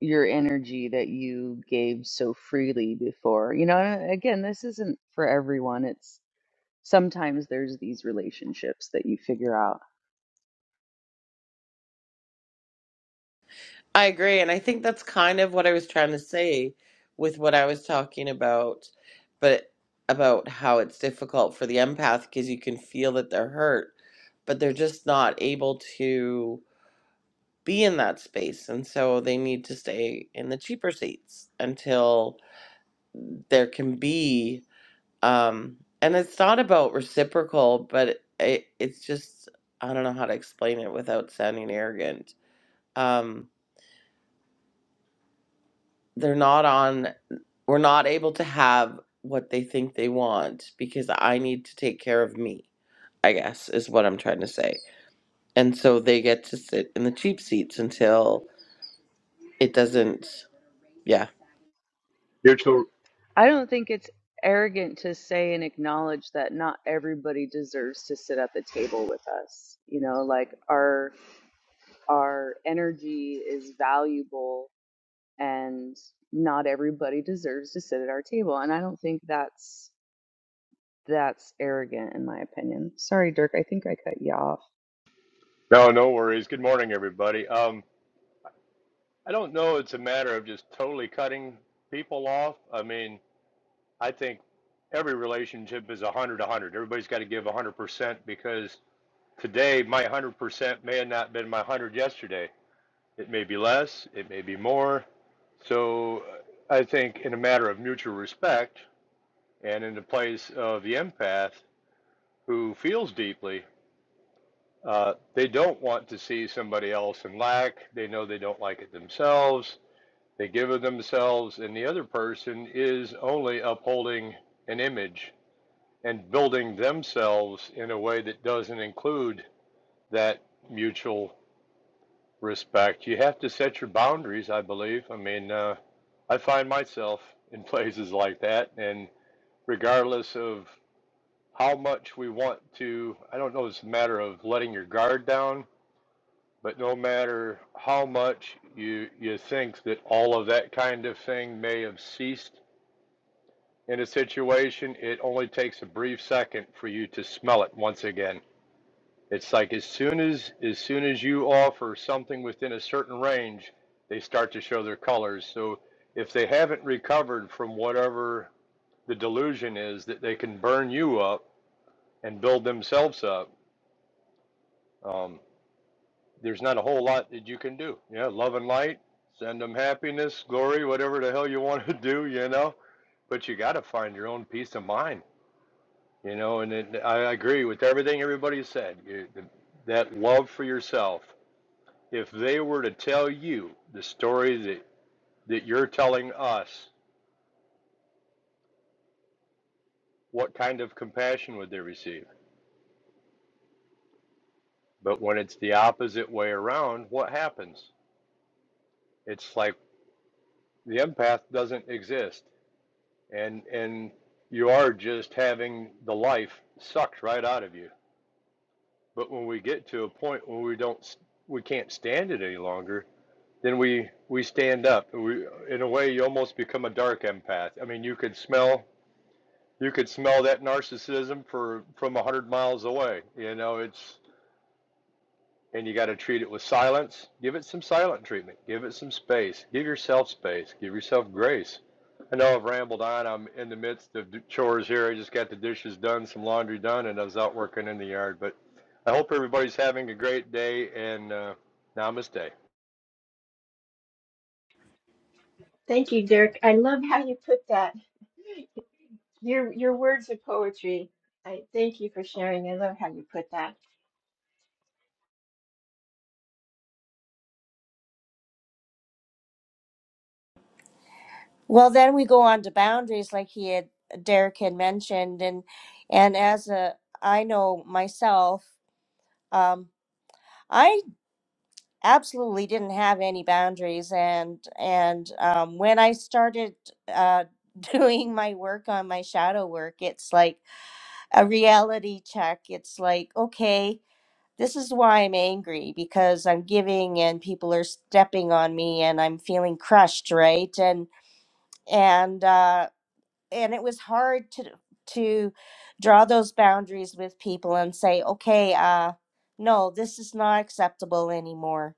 F: your energy that you gave so freely before. You know, and uh, again, this isn't for everyone. It's sometimes there's these relationships that you figure out.
B: I agree. And I think that's kind of what I was trying to say with what I was talking about, but about how it's difficult for the empath because you can feel that they're hurt, but they're just not able to be in that space. And so they need to stay in the cheaper seats until there can be, um, and it's not about reciprocal, but it, it's just, I don't know how to explain it without sounding arrogant. Um, they're not on. We're not able to have what they think they want because I need to take care of me, I guess, is what I'm trying to say. And so they get to sit in the cheap seats until it doesn't, yeah.
H: Mutual.
F: I don't think it's arrogant to say and acknowledge that not everybody deserves to sit at the table with us. You know, like our our energy is valuable and not everybody deserves to sit at our table and i don't think that's that's arrogant in my opinion sorry dirk i think i cut you off
H: No, no worries. Good morning, everybody. Um, I don't know. It's a matter of just totally cutting people off. I mean, I think every relationship is a hundred, a hundred. Everybody's got to give a hundred percent because today my hundred percent may have not been my hundred yesterday. It may be less. It may be more. So uh, I think in a matter of mutual respect and in the place of the empath who feels deeply Uh, they don't want to see somebody else in lack. They know they don't like it themselves. They give of themselves, and the other person is only upholding an image and building themselves in a way that doesn't include that mutual respect. You have to set your boundaries, I believe. I mean, uh, I find myself in places like that, and regardless of how much we want to, I don't know, it's a matter of letting your guard down But no matter how much you you think that all of that kind of thing may have ceased in a situation, it only takes a brief second for you to smell it once again. It's like as soon as as soon as you offer something within a certain range, they start to show their colors. So if they haven't recovered from whatever the delusion is that they can burn you up and build themselves up, um, there's not a whole lot that you can do. Yeah, love and light, send them happiness, glory, whatever the hell you want to do, you know. But you got to find your own peace of mind, you know. And it, I agree with everything everybody said. You- the- That love for yourself. If they were to tell you the story that, that you're telling us, what kind of compassion would they receive? But when it's the opposite way around, what happens? It's like the empath doesn't exist and and you are just having the life sucked right out of you but when we get to a point where we don't we can't stand it any longer then we we stand up we in a way you almost become a dark empath i mean you could smell you could smell that narcissism for from a hundred miles away you know it's and you got to treat it with silence. Give it some silent treatment. Give it some space. Give yourself space. Give yourself grace. I know I've rambled on. I'm in the midst of chores here. I just got the dishes done, some laundry done, and I was out working in the yard. But I hope everybody's having a great day and uh, namaste.
E: Thank you, Dirk. I love how you put that. Your your words are poetry. I thank you for sharing. I love how you put that.
D: Well, then we go on to boundaries, like he had Derek had mentioned, and and as a I know myself, um, I absolutely didn't have any boundaries, and and um, when I started uh, doing my work on my shadow work, it's like a reality check. It's like okay, this is why I'm angry because I'm giving and people are stepping on me and I'm feeling crushed, right? And and uh, and it was hard to to draw those boundaries with people and say, okay, uh, no, this is not acceptable anymore.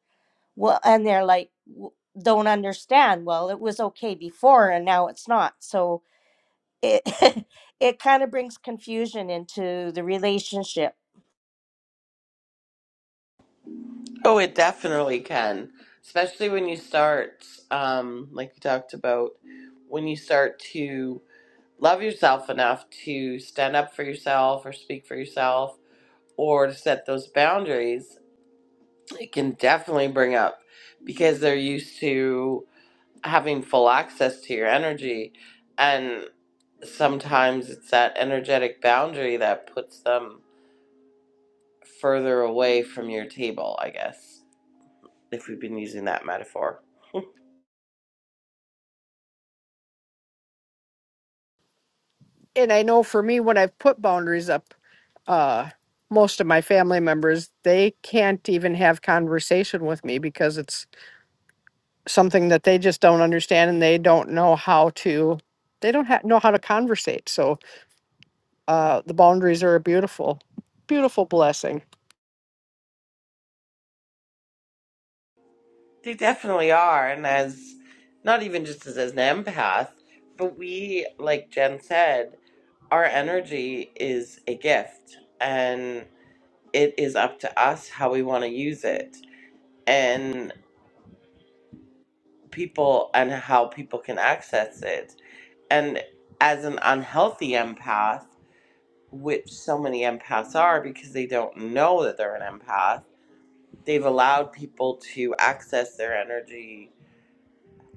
D: Well, and they're like, "W- don't understand. Well, it was okay before and now it's not. So it it kind of brings confusion into the relationship.
B: Oh, it definitely can, especially when you start, um, like we talked about, when you start to love yourself enough to stand up for yourself or speak for yourself or to set those boundaries, it can definitely bring up because they're used to. having full access to your energy and sometimes it's that energetic boundary that puts them further away from your table i guess if we've been using that metaphor
A: And I know for me, when I've put boundaries up, uh, most of my family members, they can't even have conversation with me because it's something that they just don't understand and they don't know how to, they don't ha- know how to conversate. So uh, the boundaries are a beautiful, beautiful blessing.
B: they definitely are and as not even just as, as an empath but we like jen said our energy is a gift and it is up to us how we want to use it and people and how people can access it and as an unhealthy empath, which so many empaths are because they don't know that they're an empath, they've allowed people to access their energy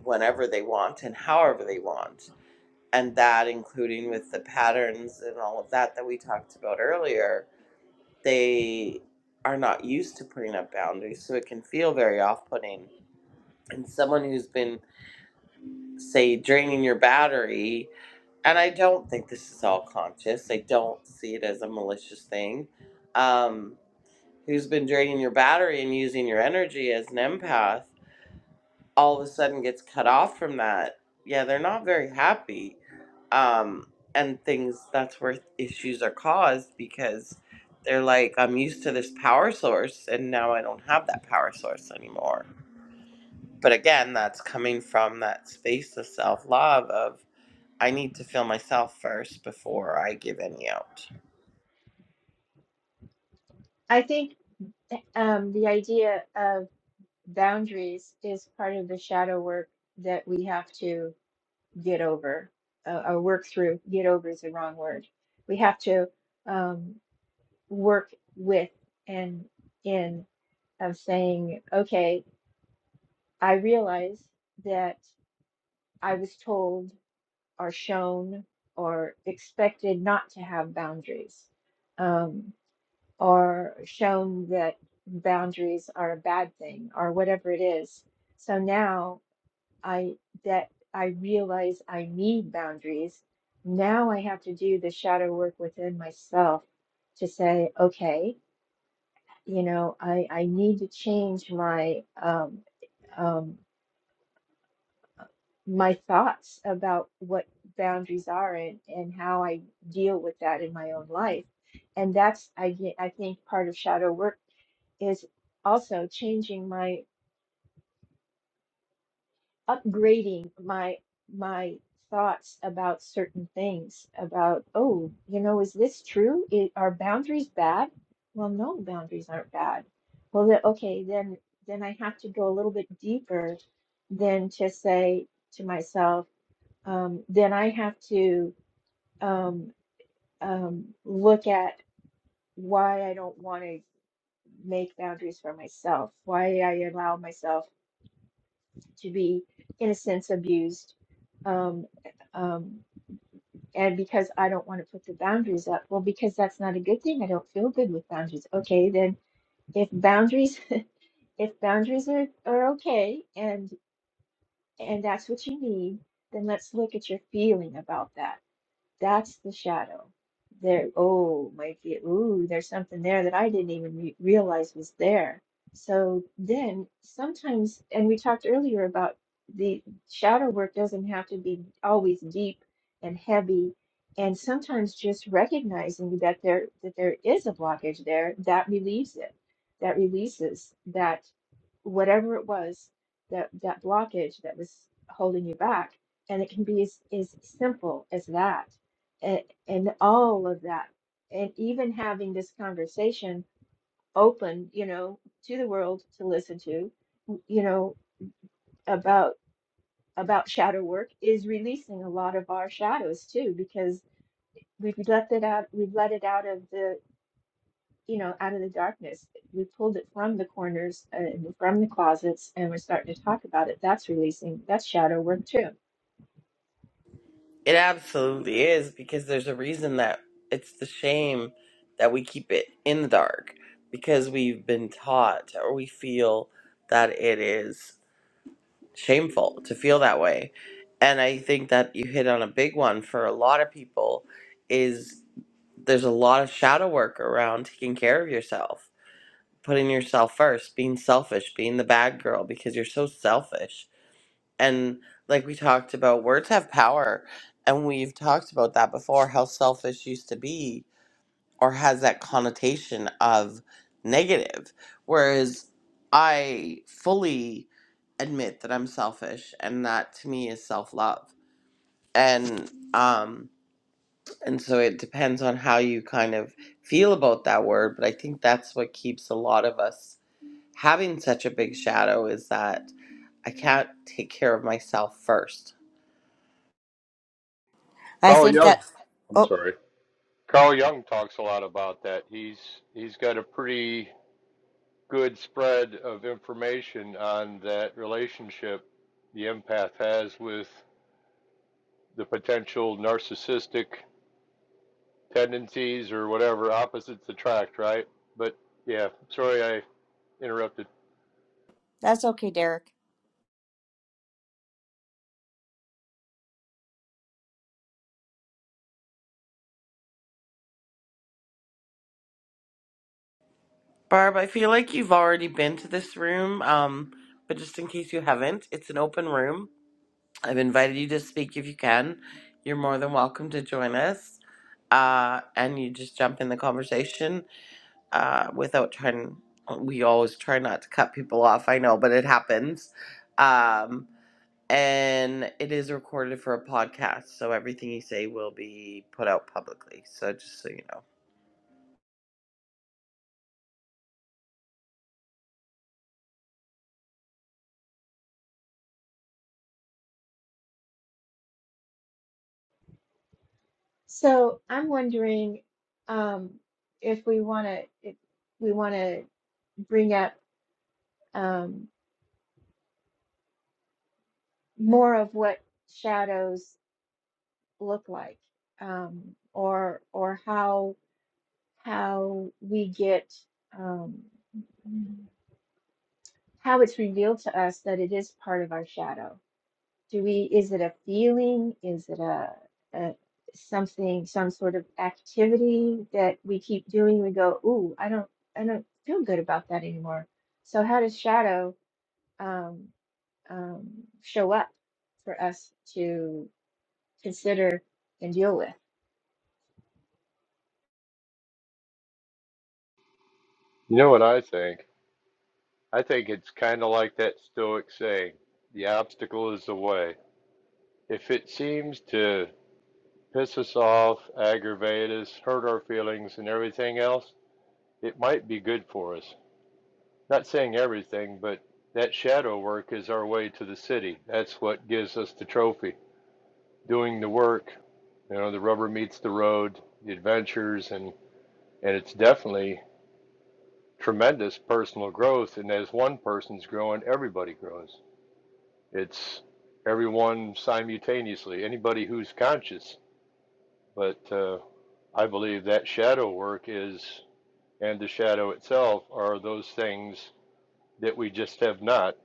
B: whenever they want and however they want. And that, including with the patterns and all of that that we talked about earlier, they are not used to putting up boundaries. So it can feel very off putting. And someone who's been, say, draining your battery and I don't think this is all conscious. I don't see it as a malicious thing. Um, who's been draining your battery and using your energy as an empath all of a sudden gets cut off from that. Yeah, they're not very happy. Um, and things that's where issues are caused because they're like, I'm used to this power source and now I don't have that power source anymore. But again, that's coming from that space of self love of I need to feel myself first before I give any out.
E: I think um, the idea of boundaries is part of the shadow work that we have to get over uh, or work through. Get over is the wrong word. We have to um, work with and in of saying, okay, I realize that. I was told or shown or expected not to have boundaries, um, or shown that boundaries are a bad thing, or whatever it is. So now I that I realize I need boundaries. Now I have to do the shadow work within myself to say, okay, you know, I I need to change my um, um, my thoughts about what boundaries are and, and how I deal with that in my own life. And that's, I, ge- I think, part of shadow work is also changing my, upgrading my, my thoughts about certain things about, oh, you know, is this true? I are boundaries bad? Well, no, boundaries aren't bad. Well, then, okay, then, then I have to go a little bit deeper than to say to myself, um, then I have to um, um, look at why I don't want to make boundaries for myself, why I allow myself to be, in a sense, abused. Um, um, and because I don't want to put the boundaries up, well, because that's not a good thing. I don't feel good with boundaries. Okay, then if boundaries, if boundaries are, are okay and and that's what you need, then let's look at your feeling about that That's the shadow. There, oh, might be, ooh, there's something there that I didn't even re realize was there. So then sometimes, and we talked earlier about the shadow work doesn't have to be always deep and heavy. And sometimes just recognizing that there that there is a blockage there, that relieves it. That releases that whatever it was, that that blockage that was holding you back. And it can be as, as simple as that and, and all of that and even having this conversation open you know to the world to listen to you know about about shadow work is releasing a lot of our shadows too because we've let it out we've let it out of the you know out of the darkness we pulled it from the corners uh, and from the closets and we're starting to talk about it that's releasing that's shadow work too
B: It absolutely is because there's a reason that it's the shame that we keep it in the dark because we've been taught or we feel that it is shameful to feel that way. And I think that you hit on a big one for a lot of people is there's a lot of shadow work around taking care of yourself, putting yourself first, being selfish, being the bad girl because you're so selfish and like we talked about words have power and we've talked about that before how selfish used to be or has that connotation of negative whereas i fully admit that i'm selfish and that to me is self-love and um and so it depends on how you kind of feel about that word but i think that's what keeps a lot of us having such a big shadow is that i can't take care of myself first
D: I
H: Carl
D: think
H: Young,
D: that.
H: I'm
D: Oh,
H: sorry. Carl Young talks a lot about that. He's he's got a pretty good spread of information on that relationship the empath has with the potential narcissistic tendencies or whatever opposites attract, right? But yeah, sorry I interrupted.
D: that's okay, Derek.
B: Barb, I feel like you've already been to this room, um, but just in case you haven't, it's an open room. I've invited you to speak if you can. You're more than welcome to join us. Uh, and you just jump in the conversation uh, without trying. We always try not to cut people off. I know, but it happens. Um, and it is recorded for a podcast, so everything you say will be put out publicly. So just so you know.
E: So I'm wondering um, if we want to if we want to bring up um, more of what shadows look like, um, or or how how we get um, how it's revealed to us that it is part of our shadow. Do we, is it a feeling? Is it a, a something, some sort of activity that we keep doing? We go, ooh, I don't, I don't feel good about that anymore. So how does shadow um, um, show up for us to consider and deal with?
H: You know what I think? I think it's kind of like that Stoic saying, the obstacle is the way. If it seems to piss us off, aggravate us, hurt our feelings, and everything else, it might be good for us. Not saying everything, but that shadow work is our way to the city. That's what gives us the trophy. Doing the work You know, the rubber meets the road, the adventures, and and it's definitely tremendous personal growth. And as one person's growing, everybody grows. It's everyone simultaneously. Anybody who's conscious, but uh, I believe that shadow work is, and the shadow itself are those things that we just have not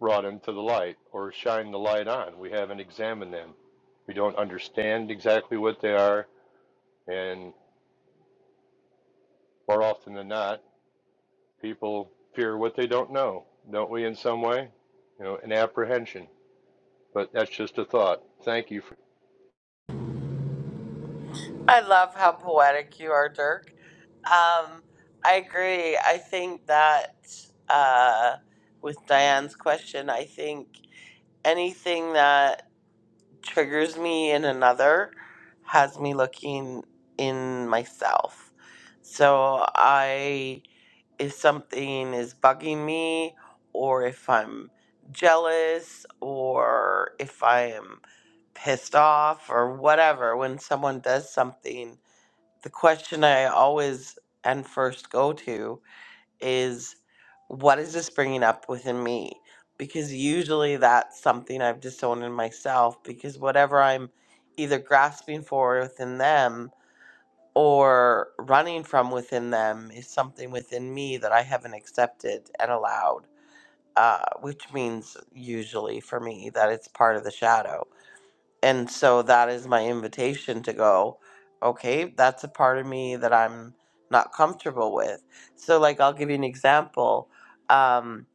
H: brought into the light or shine the light on. We haven't examined them. We don't understand exactly what they are, and more often than not People fear what they don't know, don't we, in some way? You know, an apprehension. But that's just a thought. Thank you for.
B: I love how poetic you are, Dirk. Um, I agree. I think that uh, with Diane's question, I think anything that triggers me in another has me looking in myself. So I, if something is bugging me, or if I'm jealous, or if I am pissed off, or whatever, when someone does something the question I always and first go to is what is this bringing up within me? Because usually that's something I've disowned in myself because whatever I'm either grasping for within them or running from within them is something within me that I haven't accepted and allowed, uh, which means usually for me that it's part of the shadow and so that is my invitation to go okay that's a part of me that i'm not comfortable with so like i'll give you an example um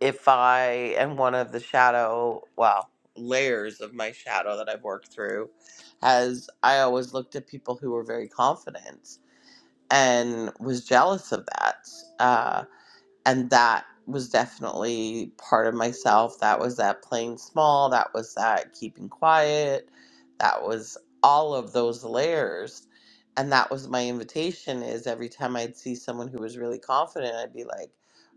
B: if i am one of the shadow well layers of my shadow that i've worked through has i always looked at people who were very confident and was jealous of that uh, and that was definitely part of myself that was that playing small that was that keeping quiet that was all of those layers and that was my invitation is every time i'd see someone who was really confident i'd be like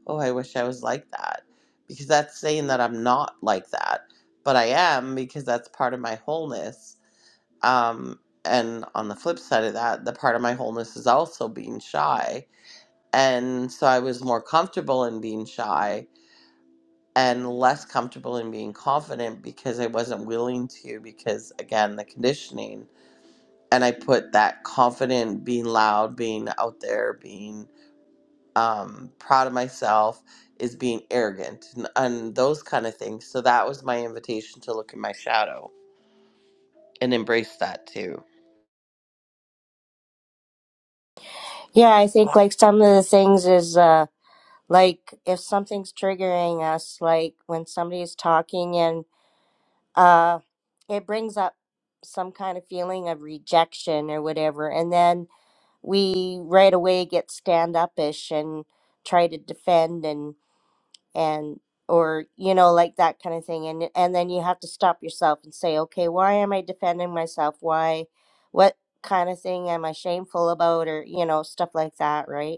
B: oh i wish i was like that because that's saying that i'm not like that but i am because that's part of my wholeness um, and on the flip side of that the part of my wholeness is also being shy and so I was more comfortable in being shy and less comfortable in being confident because I wasn't willing to, because again, the conditioning. And I put that confident, being loud, being out there, being um, proud of myself is being arrogant and, and those kind of things. So that was my invitation to look in my shadow and embrace that too.
D: Yeah, I think like some of the things is uh like if something's triggering us, like when somebody's talking and uh it brings up some kind of feeling of rejection or whatever, and then we right away get stand upish and try to defend and and or you know like that kind of thing and and then you have to stop yourself and say okay why am i defending myself why what kind of thing am i shameful about or you know stuff like that right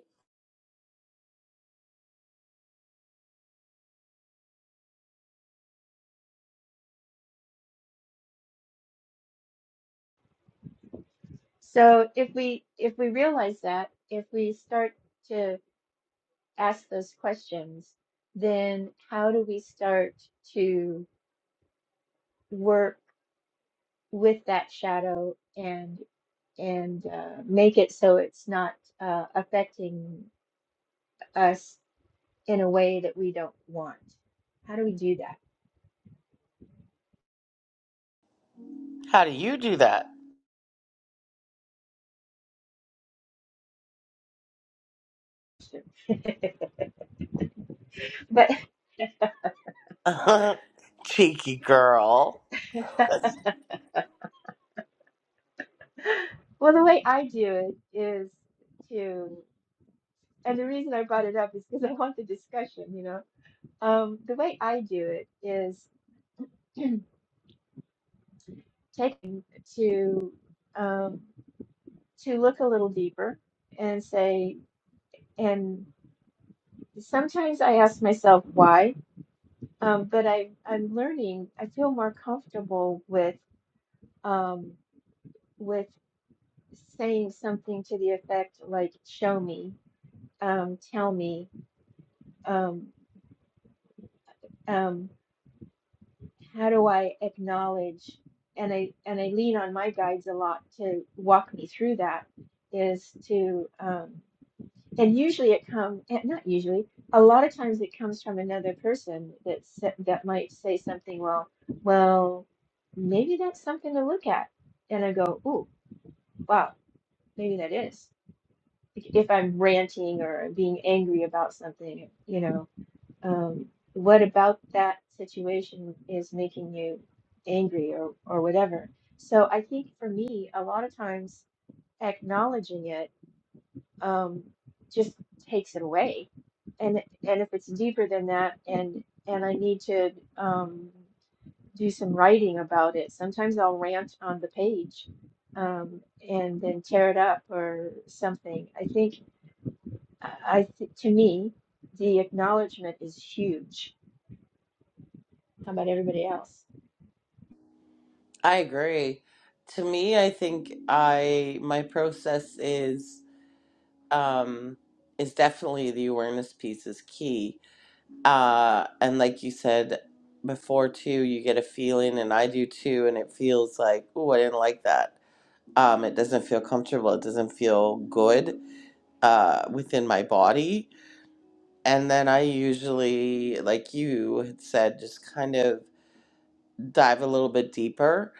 E: So if we if we realize that, if we start to ask those questions, then how do we start to work with that shadow and? and uh, make it so it's not uh, affecting us in a way that we don't want. How do we do that?
B: How do you do that?
E: But
B: Cheeky girl.
E: well, the way I do it is to, and the reason I brought it up is because I want the discussion, you know. Um, the way I do it is taking to um, to look a little deeper and say, and sometimes I ask myself why, um, but I I'm learning. I feel more comfortable with um, with saying something to the effect like "Show me," um, "Tell me," um, um, "How do I acknowledge?" And I and I lean on my guides a lot to walk me through that. Is to um, and usually it comes not usually a lot of times it comes from another person that sa- that might say something well well maybe that's something to look at and i go ooh wow maybe that is Like, if i'm ranting or being angry about something you know um, what about that situation is making you angry or or whatever so i think for me a lot of times acknowledging it um, just takes it away. And and if it's deeper than that, and and I need to um, do some writing about it. Sometimes I'll rant on the page, um, and then tear it up or something. I think I I th to me, the acknowledgement is huge. How about everybody else?
B: I agree. To me, I think I my process is um is definitely the awareness piece is key. Uh and like you said before too, you get a feeling and I do too and it feels like, oh, I didn't like that. Um it doesn't feel comfortable. It doesn't feel good uh within my body. And then I usually, like you had said, just kind of dive a little bit deeper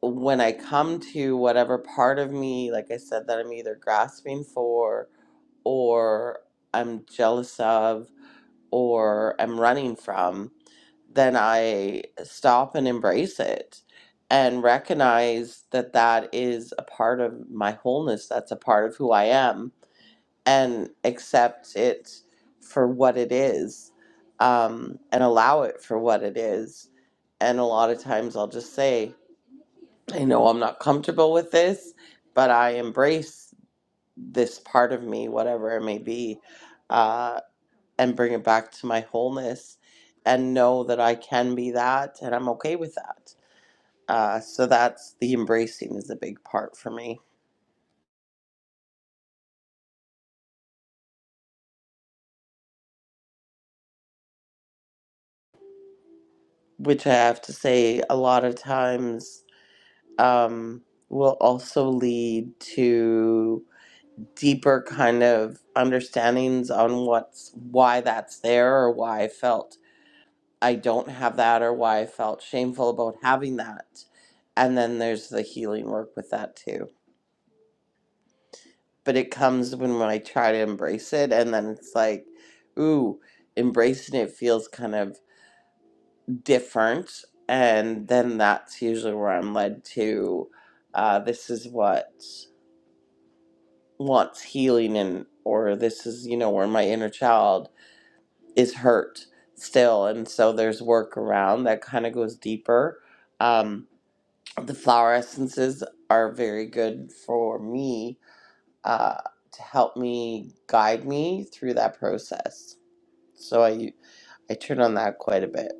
B: when I come to whatever part of me, like I said, that I'm either grasping for or I'm jealous of or I'm running from, then I stop and embrace it and recognize that that is a part of my wholeness. That's a part of who I am and accept it for what it is um, and allow it for what it is. And a lot of times I'll just say, I know I'm not comfortable with this, but I embrace this part of me, whatever it may be, uh, and bring it back to my wholeness and know that I can be that and I'm okay with that. Uh, so that's the embracing is a big part for me, which I have to say a lot of times um, will also lead to deeper kind of understandings on what's why that's there or why I felt I don't have that or why I felt shameful about having that. And then there's the healing work with that too. But it comes when, when I try to embrace it, and then it's like, ooh, embracing it feels kind of different. And then that's usually where I'm led to uh, this is what wants healing, and or this is, you know, where my inner child is hurt still. And so there's work around that kind of goes deeper. Um, the flower essences are very good for me uh, to help me guide me through that process. So I I turn on that quite a bit.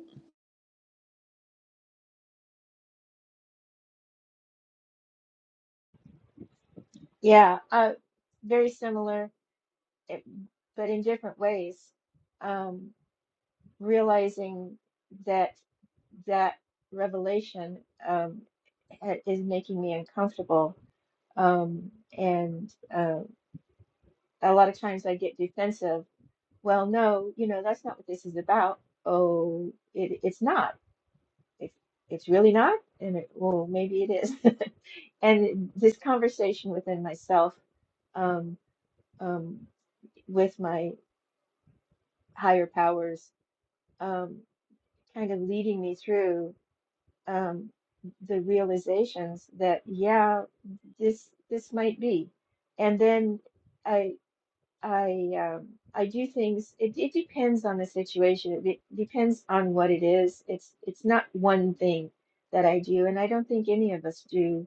E: Yeah, uh, very similar, it- but in different ways. Um, realizing that that revelation um, ha- is making me uncomfortable. Um, and uh, a lot of times I get defensive. Well, no, you know, that's not what this is about. Oh, it, it's not. It, it's really not. And it, well, maybe it is. And this conversation within myself, um, um, with my higher powers, um, kind of leading me through. um, the realizations that yeah, this this might be, and then I I um, I do things. It, it depends on the situation. It, de- depends on what it is. It's it's not one thing that I do, and I don't think any of us do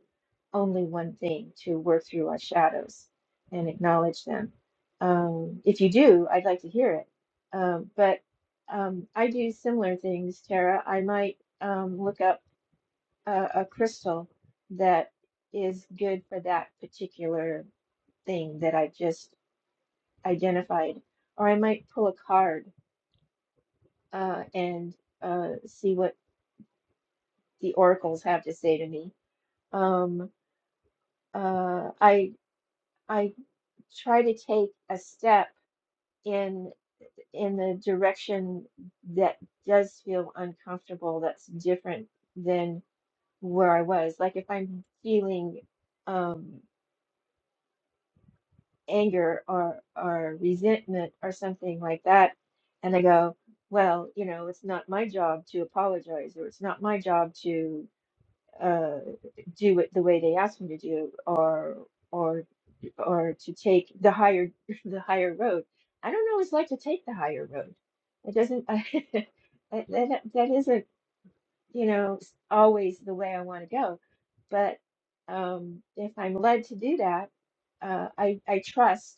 E: only one thing to work through our shadows and acknowledge them. Um, if you do, I'd like to hear it. Um, but um, I do similar things, Tara. I might um, look up a, a crystal that is good for that particular thing that I just identified. Or I might pull a card uh, and uh, see what the oracles have to say to me. Um, uh, I I try to take a step in in the direction that does feel uncomfortable. That's different than where I was. Like if I'm feeling um, anger or or resentment or something like that and they go well you know it's not my job to apologize or it's not my job to uh, do it the way they asked me to do or or or to take the higher the higher road i don't always like to take the higher road it doesn't I, that, that that isn't you know s- always the way i want to go but um if i'm led to do that uh, I, I trust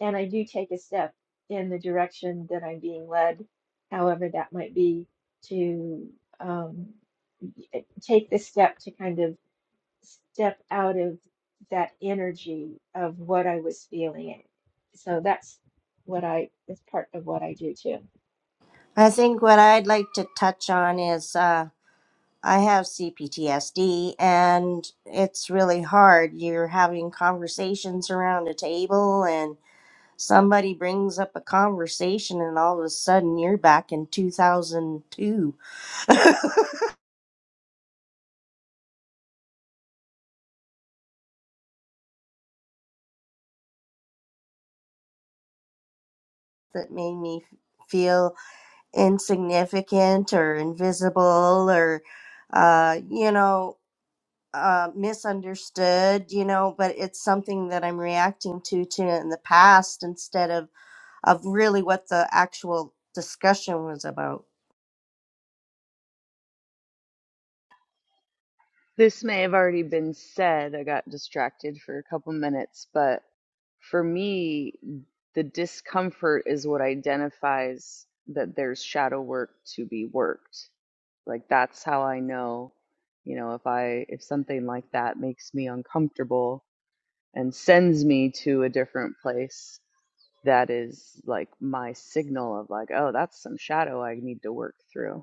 E: and I do take a step in the direction that I'm being led, however that might be, to um, y- take the step to kind of step out of that energy of what I was feeling. So that's what I, that's part of what I do too.
D: I think what I'd like to touch on is uh, I have CPTSD, and it's really hard. You're having conversations around a table, and somebody brings up a conversation, and all of a sudden you're back in 2002. that made me feel insignificant or invisible or, uh, you know, uh, misunderstood, you know, but it's something that I'm reacting to to in the past instead of of really what the actual discussion was about.
F: this may have already been said i got distracted for a couple minutes but for me the discomfort is what identifies that there's shadow work to be worked like that's how i know you know if i if something like that makes me uncomfortable and sends me to a different place that is like my signal of like oh that's some shadow i need to work through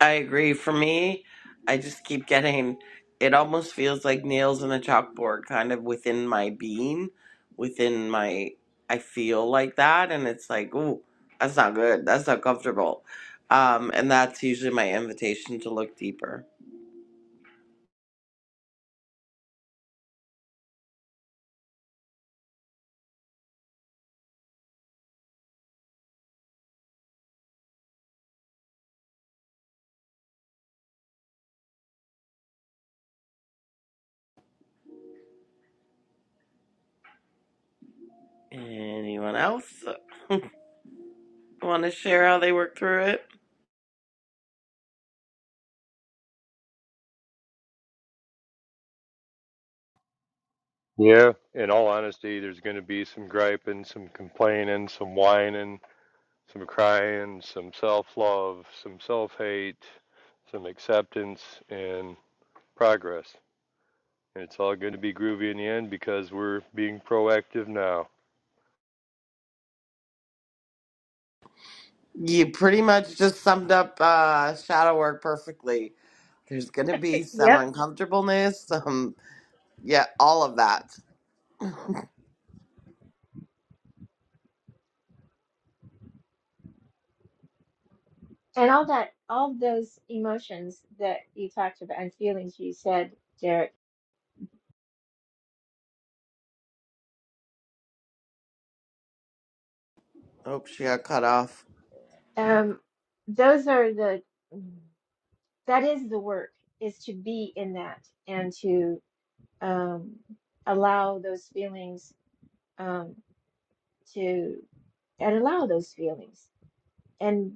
B: I agree. For me, I just keep getting. It almost feels like nails in a chalkboard, kind of within my being, within my. I feel like that, and it's like, ooh, that's not good. That's not comfortable. Um, and that's usually my invitation to look deeper. Anyone else? Want to share how they work through it?
H: Yeah, in all honesty, there's going to be some griping, some complaining, some whining, some crying, some self love, some self hate, some acceptance, and progress. And it's all going to be groovy in the end because we're being proactive now.
B: You pretty much just summed up uh, shadow work perfectly. There's going to be some
E: Yep.
B: uncomfortableness, some, yeah, all of that.
E: And all that, all those emotions that you talked about and feelings you said, Derek,
B: Oh, she got cut off.
E: um, those are the, that is the work, is to be in that and to um, allow those feelings um, to, and allow those feelings and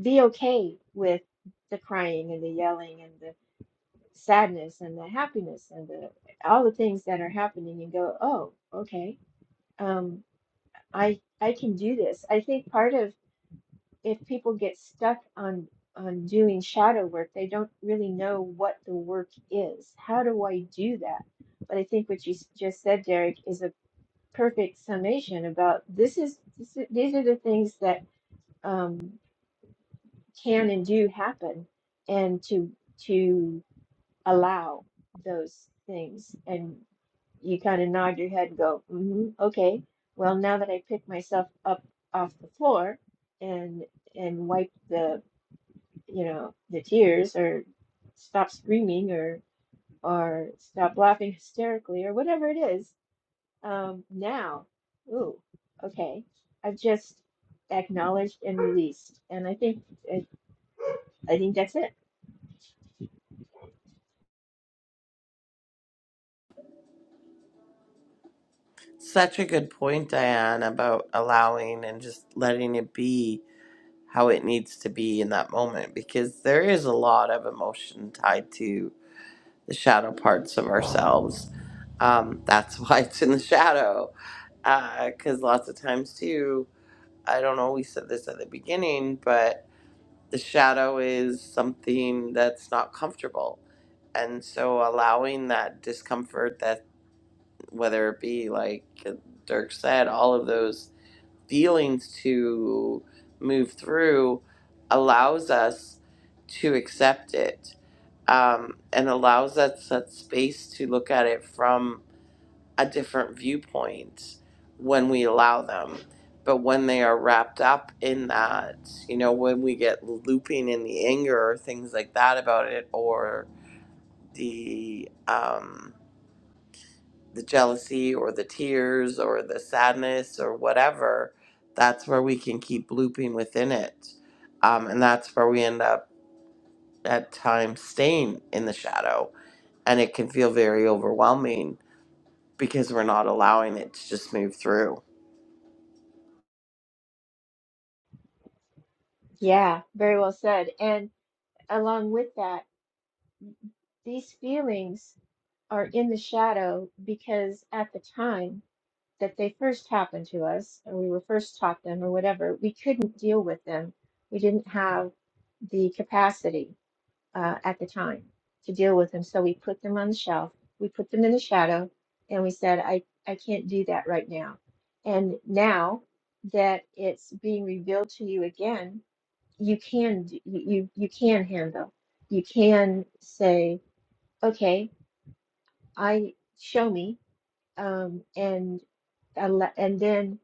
E: be okay with the crying and the yelling and the sadness and the happiness and the, all the things that are happening and go, oh, okay. Um, I I can do this. I think part of if people get stuck on on doing shadow work, they don't really know what the work is. How do I do that? But I think what you s- just said, Derek, is a perfect summation about this is, this is these are the things that um, can and do happen, and to to allow those things and you kind of nod your head and go, hmm okay, well, now that I pick myself up off the floor and and wipe the, you know, the tears or stop screaming or or stop laughing hysterically or whatever it is, um, now, ooh, okay, I've just acknowledged and released, and I think I, I think that's it.
B: Such a good point, Diane, about allowing and just letting it be how it needs to be in that moment because there is a lot of emotion tied to the shadow parts of ourselves. Um, that's why it's in the shadow because lots of times too. I don't know, we said this at the beginning, but the shadow is something that's not comfortable. And so allowing that discomfort, that whether it be like Dirk said, all of those feelings to move through allows us to accept it um, and allows us that space to look at it from a different viewpoint when we allow them. But when they are wrapped up in that, you know, when we get looping in the anger or things like that about it, or the um, the jealousy or the tears or the sadness or whatever, that's where we can keep looping within it, um, and that's where we end up at times staying in the shadow, and it can feel very overwhelming because we're not allowing it to just move through
E: Yeah, very well said. And along with that. These feelings are in the shadow because at the time that they first happened to us, or we were first taught them, or whatever, we couldn't deal with them. We didn't have the capacity uh, at the time to deal with them. So we put them on the shelf, we put them in the shadow, and we said, I, I can't do that right now. And now that it's being revealed to you again, you can d- you you you can handle. You can say, "Okay." I show me um, and alle- and then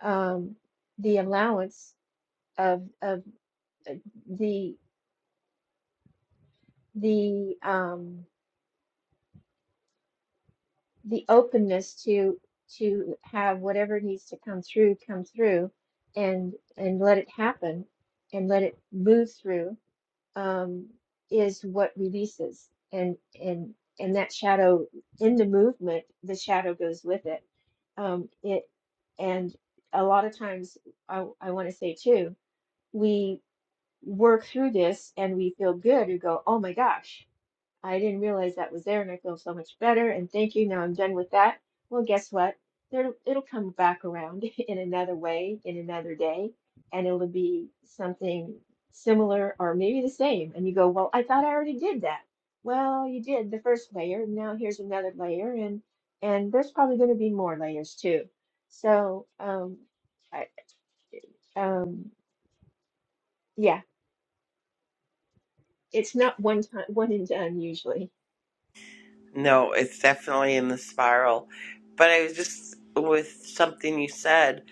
E: um, the allowance of of uh, the the um, the openness to to have whatever needs to come through come through and and let it happen and let it move through um, is what releases and and and that shadow in the movement the shadow goes with it um, it and a lot of times I, I want to say too we work through this and we feel good we go oh my gosh I didn't realize that was there, and I feel so much better. And thank you. Now I'm done with that. Well, guess what? There, it'll come back around in another way, in another day, and it'll be something similar or maybe the same. And you go, Well, I thought I already did that. Well, you did the first layer. Now here's another layer, and and there's probably going to be more layers too. So, um, I, um, yeah, it's not one time, one and done usually.
B: No, it's definitely in the spiral. But I was just with something you said,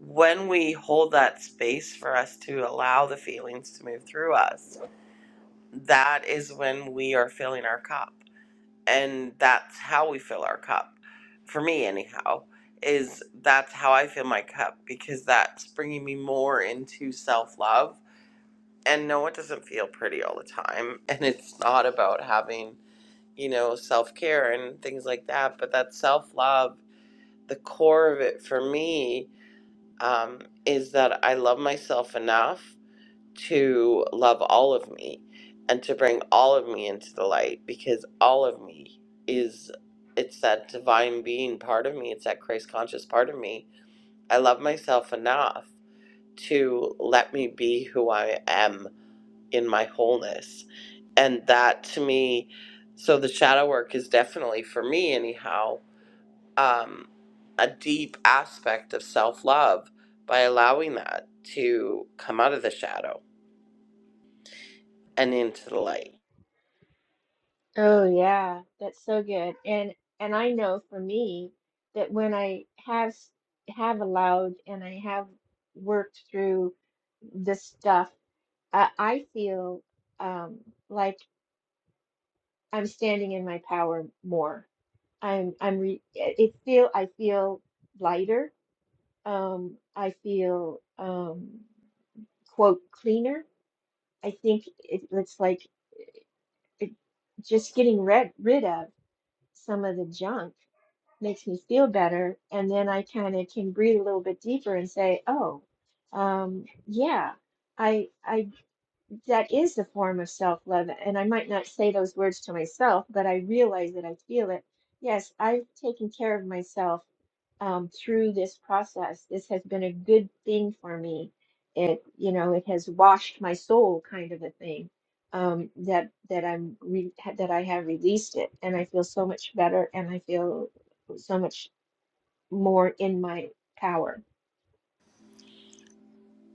B: when we hold that space for us to allow the feelings to move through us, that is when we are filling our cup. And that's how we fill our cup. For me, anyhow, is that's how I fill my cup because that's bringing me more into self love. And no, it doesn't feel pretty all the time. And it's not about having you know, self care and things like that. But that self love, the core of it for me, um, is that I love myself enough to love all of me and to bring all of me into the light because all of me is it's that divine being part of me it's that christ conscious part of me i love myself enough to let me be who i am in my wholeness. And that to me, so the shadow work is definitely, for me anyhow, um, a deep aspect of self love by allowing that to come out of the shadow and into the light.
E: Oh yeah, that's so good. And and I know for me that when I have s- have allowed and I have worked through this stuff, I, I feel um like I'm standing in my power more. I'm I'm re it it feel I feel lighter. Um I feel um quote cleaner. I think it, it's like it, just getting rid rid of some of the junk makes me feel better. And then I kind of can breathe a little bit deeper and say, oh, um, yeah, I I that is a form of self-love, and I might not say those words to myself, but I realize that I feel it. Yes, I've taken care of myself um, through this process. This has been a good thing for me. It, you know, it has washed my soul, kind of a thing. Um, that that I'm re that I have released it, and I feel so much better, and I feel so much more in my power.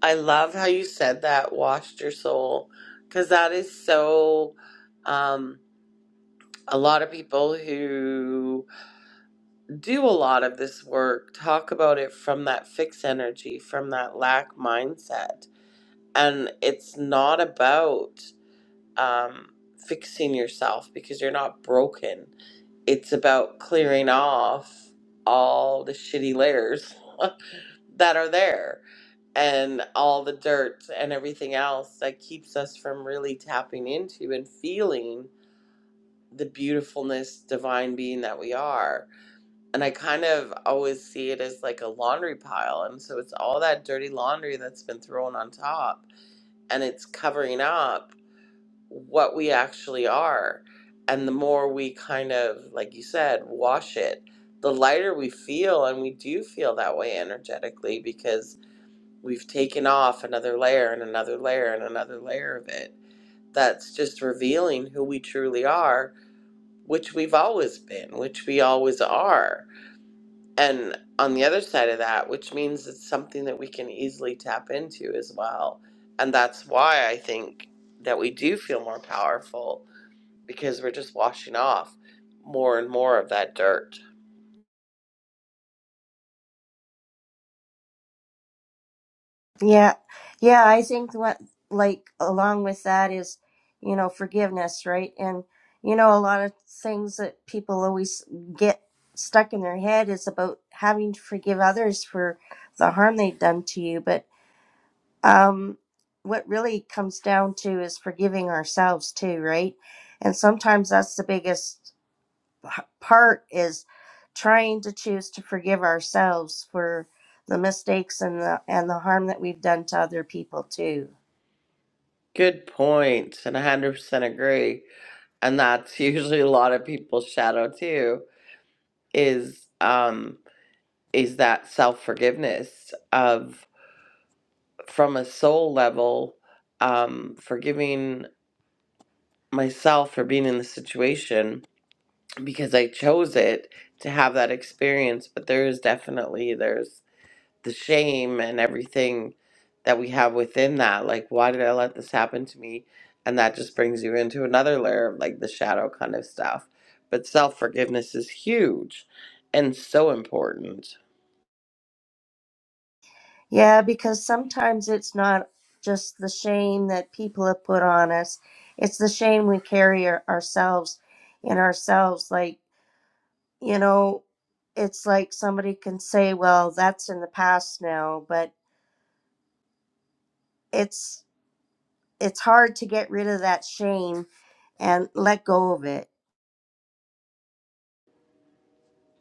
B: I love how you said that, washed your soul, because that is so. Um, a lot of people who do a lot of this work talk about it from that fixed energy, from that lack mindset and it's not about um, fixing yourself because you're not broken. It's about clearing off all the shitty layers that are there and all the dirt and everything else that keeps us from really tapping into and feeling the beautifulness, divine being that we are. And I kind of always see it as like a laundry pile. And so it's all that dirty laundry that's been thrown on top and it's covering up what we actually are. And the more we kind of, like you said, wash it, the lighter we feel. And we do feel that way energetically because we've taken off another layer and another layer and another layer of it. That's just revealing who we truly are, which we've always been, which we always are. And on the other side of that, which means it's something that we can easily tap into as well. And that's why I think that we do feel more powerful because we're just washing off more and more of that dirt.
D: Yeah, yeah, I think what like along with that is, you know, forgiveness, right? And you know, a lot of things that people always get stuck in their head is about having to forgive others for the harm they've done to you, but um what really comes down to is forgiving ourselves too, right? And sometimes that's the biggest part is trying to choose to forgive ourselves for the mistakes and the and the harm that we've done to other people too.
B: Good points, and 100% agree. And that's usually a lot of people's shadow too. Is um is that self forgiveness of from a soul level, um, forgiving myself for being in the situation because I chose it to have that experience. But there is definitely there's the shame and everything that we have within that. Like, why did I let this happen to me? And that just brings you into another layer of like the shadow kind of stuff. But self forgiveness is huge and so important.
D: Yeah, because sometimes it's not just the shame that people have put on us. It's the shame we carry our, ourselves in ourselves like, you know, it's like somebody can say, "Well, that's in the past now," but it's it's hard to get rid of that shame and let go of it.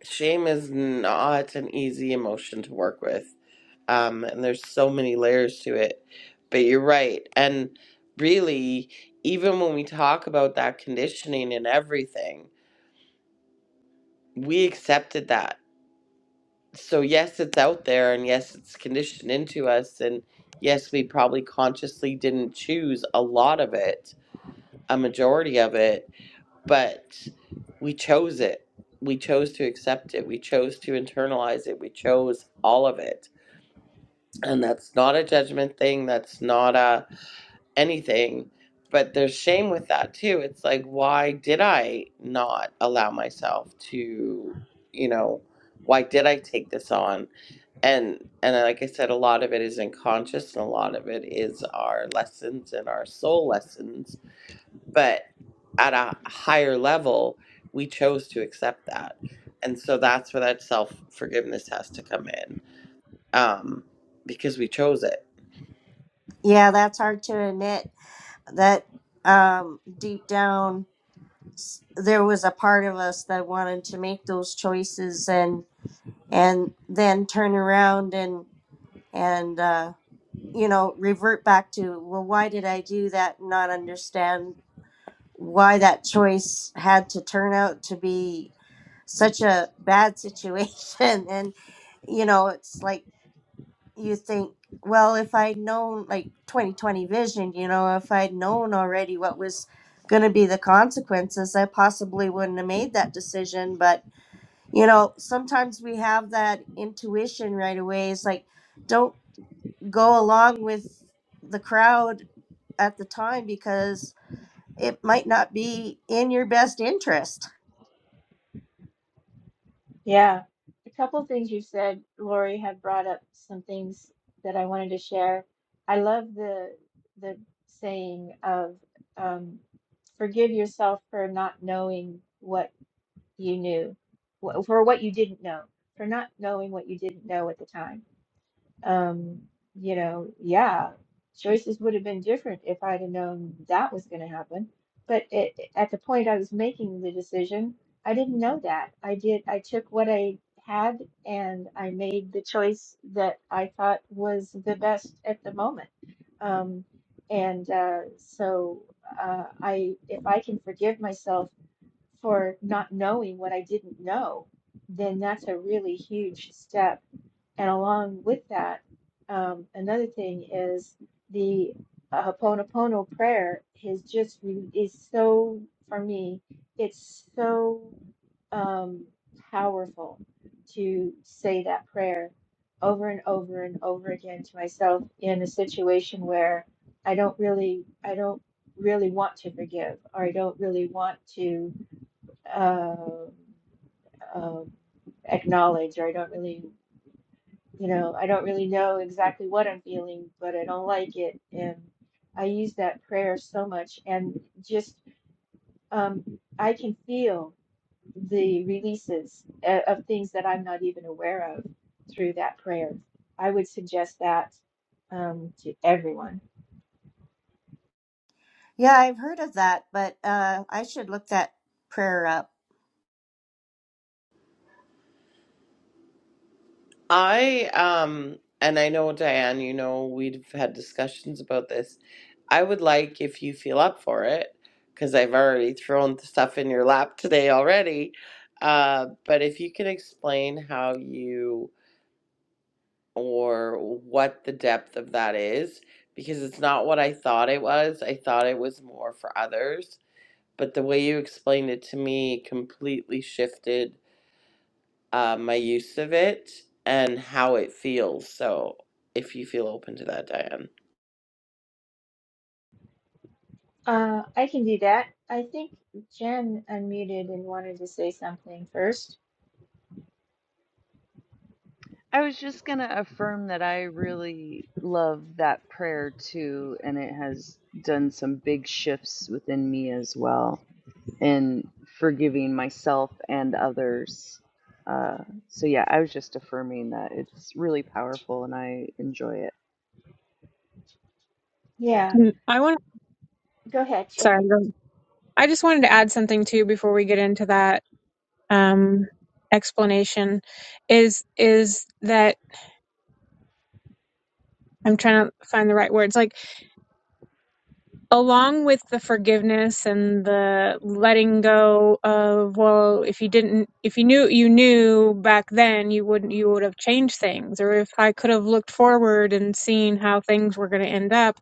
B: Shame is not an easy emotion to work with. Um, and there's so many layers to it. But you're right. And really, even when we talk about that conditioning and everything, we accepted that so yes it's out there and yes it's conditioned into us and yes we probably consciously didn't choose a lot of it a majority of it but we chose it we chose to accept it we chose to internalize it we chose all of it and that's not a judgment thing that's not a anything but there's shame with that too it's like why did i not allow myself to you know why did i take this on and and like I said, a lot of it is unconscious, and a lot of it is our lessons and our soul lessons. But at a higher level, we chose to accept that, and so that's where that self forgiveness has to come in, um, because we chose it
D: Yeah, that's hard to admit that um, deep down s- there was a part of us that wanted to make those choices and and then turn around and and uh, you know revert back to well why did I do that not understand why that choice had to turn out to be such a bad situation and you know it's like you think well if i'd known like 2020 vision you know if i'd known already what was going to be the consequences i possibly wouldn't have made that decision but you know sometimes we have that intuition right away it's like don't go along with the crowd at the time because it might not be in your best interest
E: Yeah. A couple things you said, Lori, had brought up some things that I wanted to share. I love the the saying of um, forgive yourself for not knowing what you knew, wh- for what you didn't know, for not knowing what you didn't know at the time. Um, you know, yeah, choices would have been different if I'd have known that was going to happen. But it, at the point I was making the decision, I didn't know that. I did, I took what I had and I made the choice that I thought was the best at the moment. Um, and uh, so uh, I, if I can forgive myself for not knowing what I didn't know, then that's a really huge step and along with that, um, another thing is the uh, Hoponopono prayer is just re- is so for me, it's so um, powerful to say that prayer over and over and over again to myself in a situation where I don't really I don't really want to forgive or I don't really want to uh, um acknowledge or I don't really you know, I don't really know exactly what I'm feeling, but I don't like it. And I use that prayer so much. And just, um, I can feel the releases uh, of things that I'm not even aware of through that prayer. I would suggest that um, to everyone.
D: Yeah, I've heard of that, but uh, I should look that prayer up.
B: I um and I know Diane, you know, we've had discussions about this. I would like if you feel up for it, because I've already thrown stuff in your lap today already. Uh, but if you can explain how you or what the depth of that is, because it's not what I thought it was. I thought it was more for others, but the way you explained it to me completely shifted uh, my use of it and how it feels. So, if you feel open to that, Diane,
E: Uh, I can do that. I think Jen unmuted and wanted to say something first.
F: i was just going to affirm that i really love that prayer too and it has done some big shifts within me as well in forgiving myself and others uh, so yeah i was just affirming that it's really powerful and i enjoy it
E: Yeah,
G: Mm, I want
E: go ahead,
G: sorry,
E: Sherry.
G: go- I just wanted to add something too before we get into that um, explanation is is that I'm trying to find the right words. Like along with the forgiveness and the letting go of well, if you didn't, if you knew, you knew back then, you wouldn't, you would have changed things. Or if I could have looked forward and seen how things were going to end up,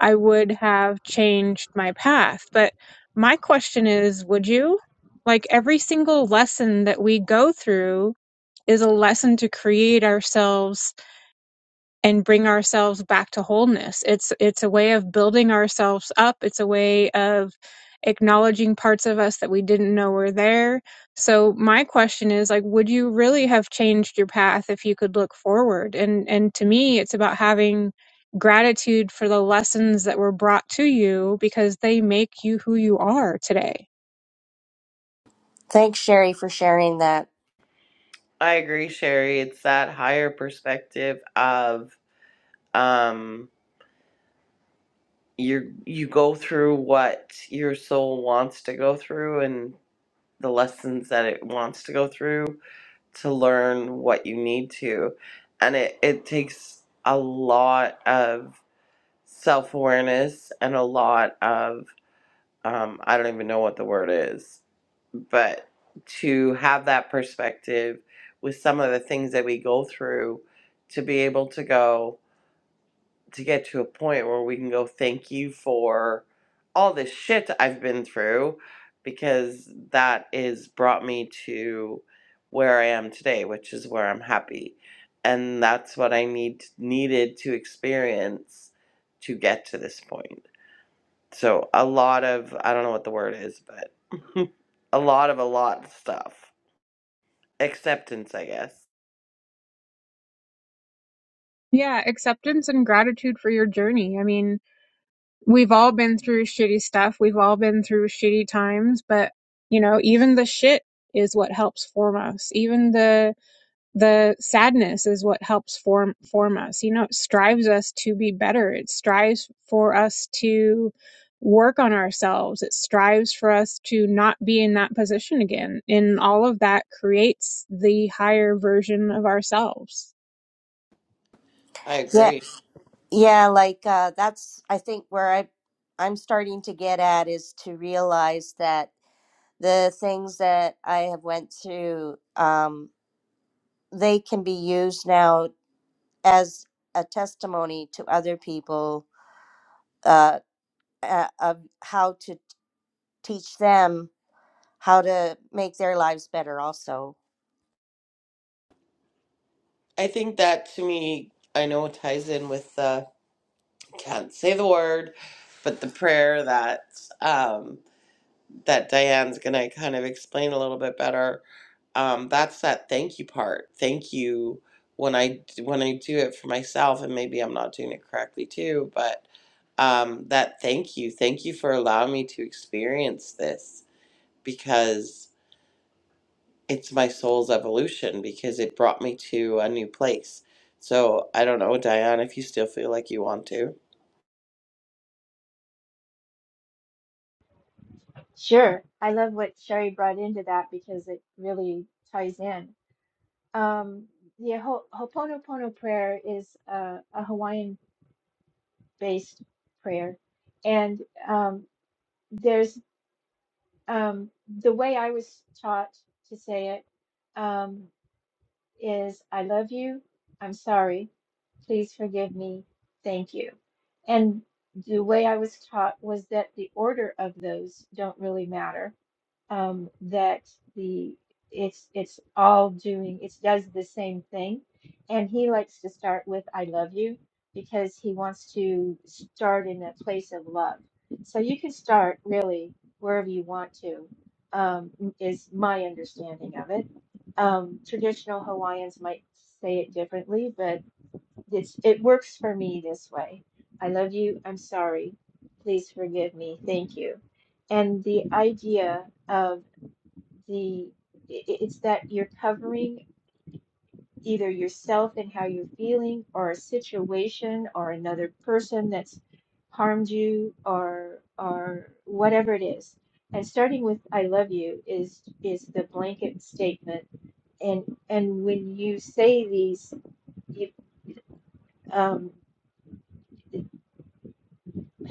G: I would have changed my path. But my question is, would you? Like every single lesson that we go through is a lesson to create ourselves and bring ourselves back to wholeness. It's it's a way of building ourselves up. It's a way of acknowledging parts of us that we didn't know were there. So my question is like would you really have changed your path if you could look forward? And and to me it's about having gratitude for the lessons that were brought to you because they make you who you are today.
D: Thanks, Sherry, for sharing that.
B: I agree, Sherry. It's that higher perspective of um, you you go through what your soul wants to go through and the lessons that it wants to go through to learn what you need to, and it it takes a lot of self awareness and a lot of um, I don't even know what the word is, but to have that perspective with some of the things that we go through, to be able to go to get to a point where we can go, thank you for all this shit I've been through, because that is brought me to where I am today, which is where I'm happy, and that's what I need needed to experience to get to this point. So a lot of I don't know what the word is, but a lot of a lot of stuff. Acceptance, I guess.
G: Yeah, acceptance and gratitude for your journey. I mean, we've all been through shitty stuff. We've all been through shitty times, but you know, even the shit is what helps form us. Even the the sadness is what helps form form us. You know, it strives us to be better. It strives for us to work on ourselves. It strives for us to not be in that position again. And all of that creates the higher version of ourselves.
B: I
D: Yeah,
B: agree.
D: yeah, like uh, that's I think where I I'm starting to get at is to realize that the things that I have went through, um, they can be used now as a testimony to other people uh, uh, of how to teach them how to make their lives better. Also,
B: I think that to me, I know it ties in with the can't say the word, but the prayer that um that Diane's going to kind of explain a little bit better. Um, that's that thank you part. Thank you when I when I do it for myself, and maybe I'm not doing it correctly too. But um, that thank you, thank you for allowing me to experience this because it's my soul's evolution because it brought me to a new place. So I don't know, Diane, if you still feel like you want to.
E: Sure. I love what Sherry brought into that because it really ties in. Um, the Ho Ho'oponopono prayer is uh, a Hawaiian-based prayer, and um, there's um, the way I was taught to say it um, is I love you, I'm sorry, please forgive me, thank you. And the way I was taught was that the order of those don't really matter um, that the it's it's all doing it does the same thing and he likes to start with I love you because he wants to start in a place of love so you can start really wherever you want to um, m- is my understanding of it um, traditional Hawaiians might say it differently but it's it works for me this way I love you I'm sorry please forgive me thank you and the idea of the it's that you're covering either yourself and how you're feeling or a situation or another person that's harmed you or or whatever it is and starting with i love you is is the blanket statement and and when you say these you, um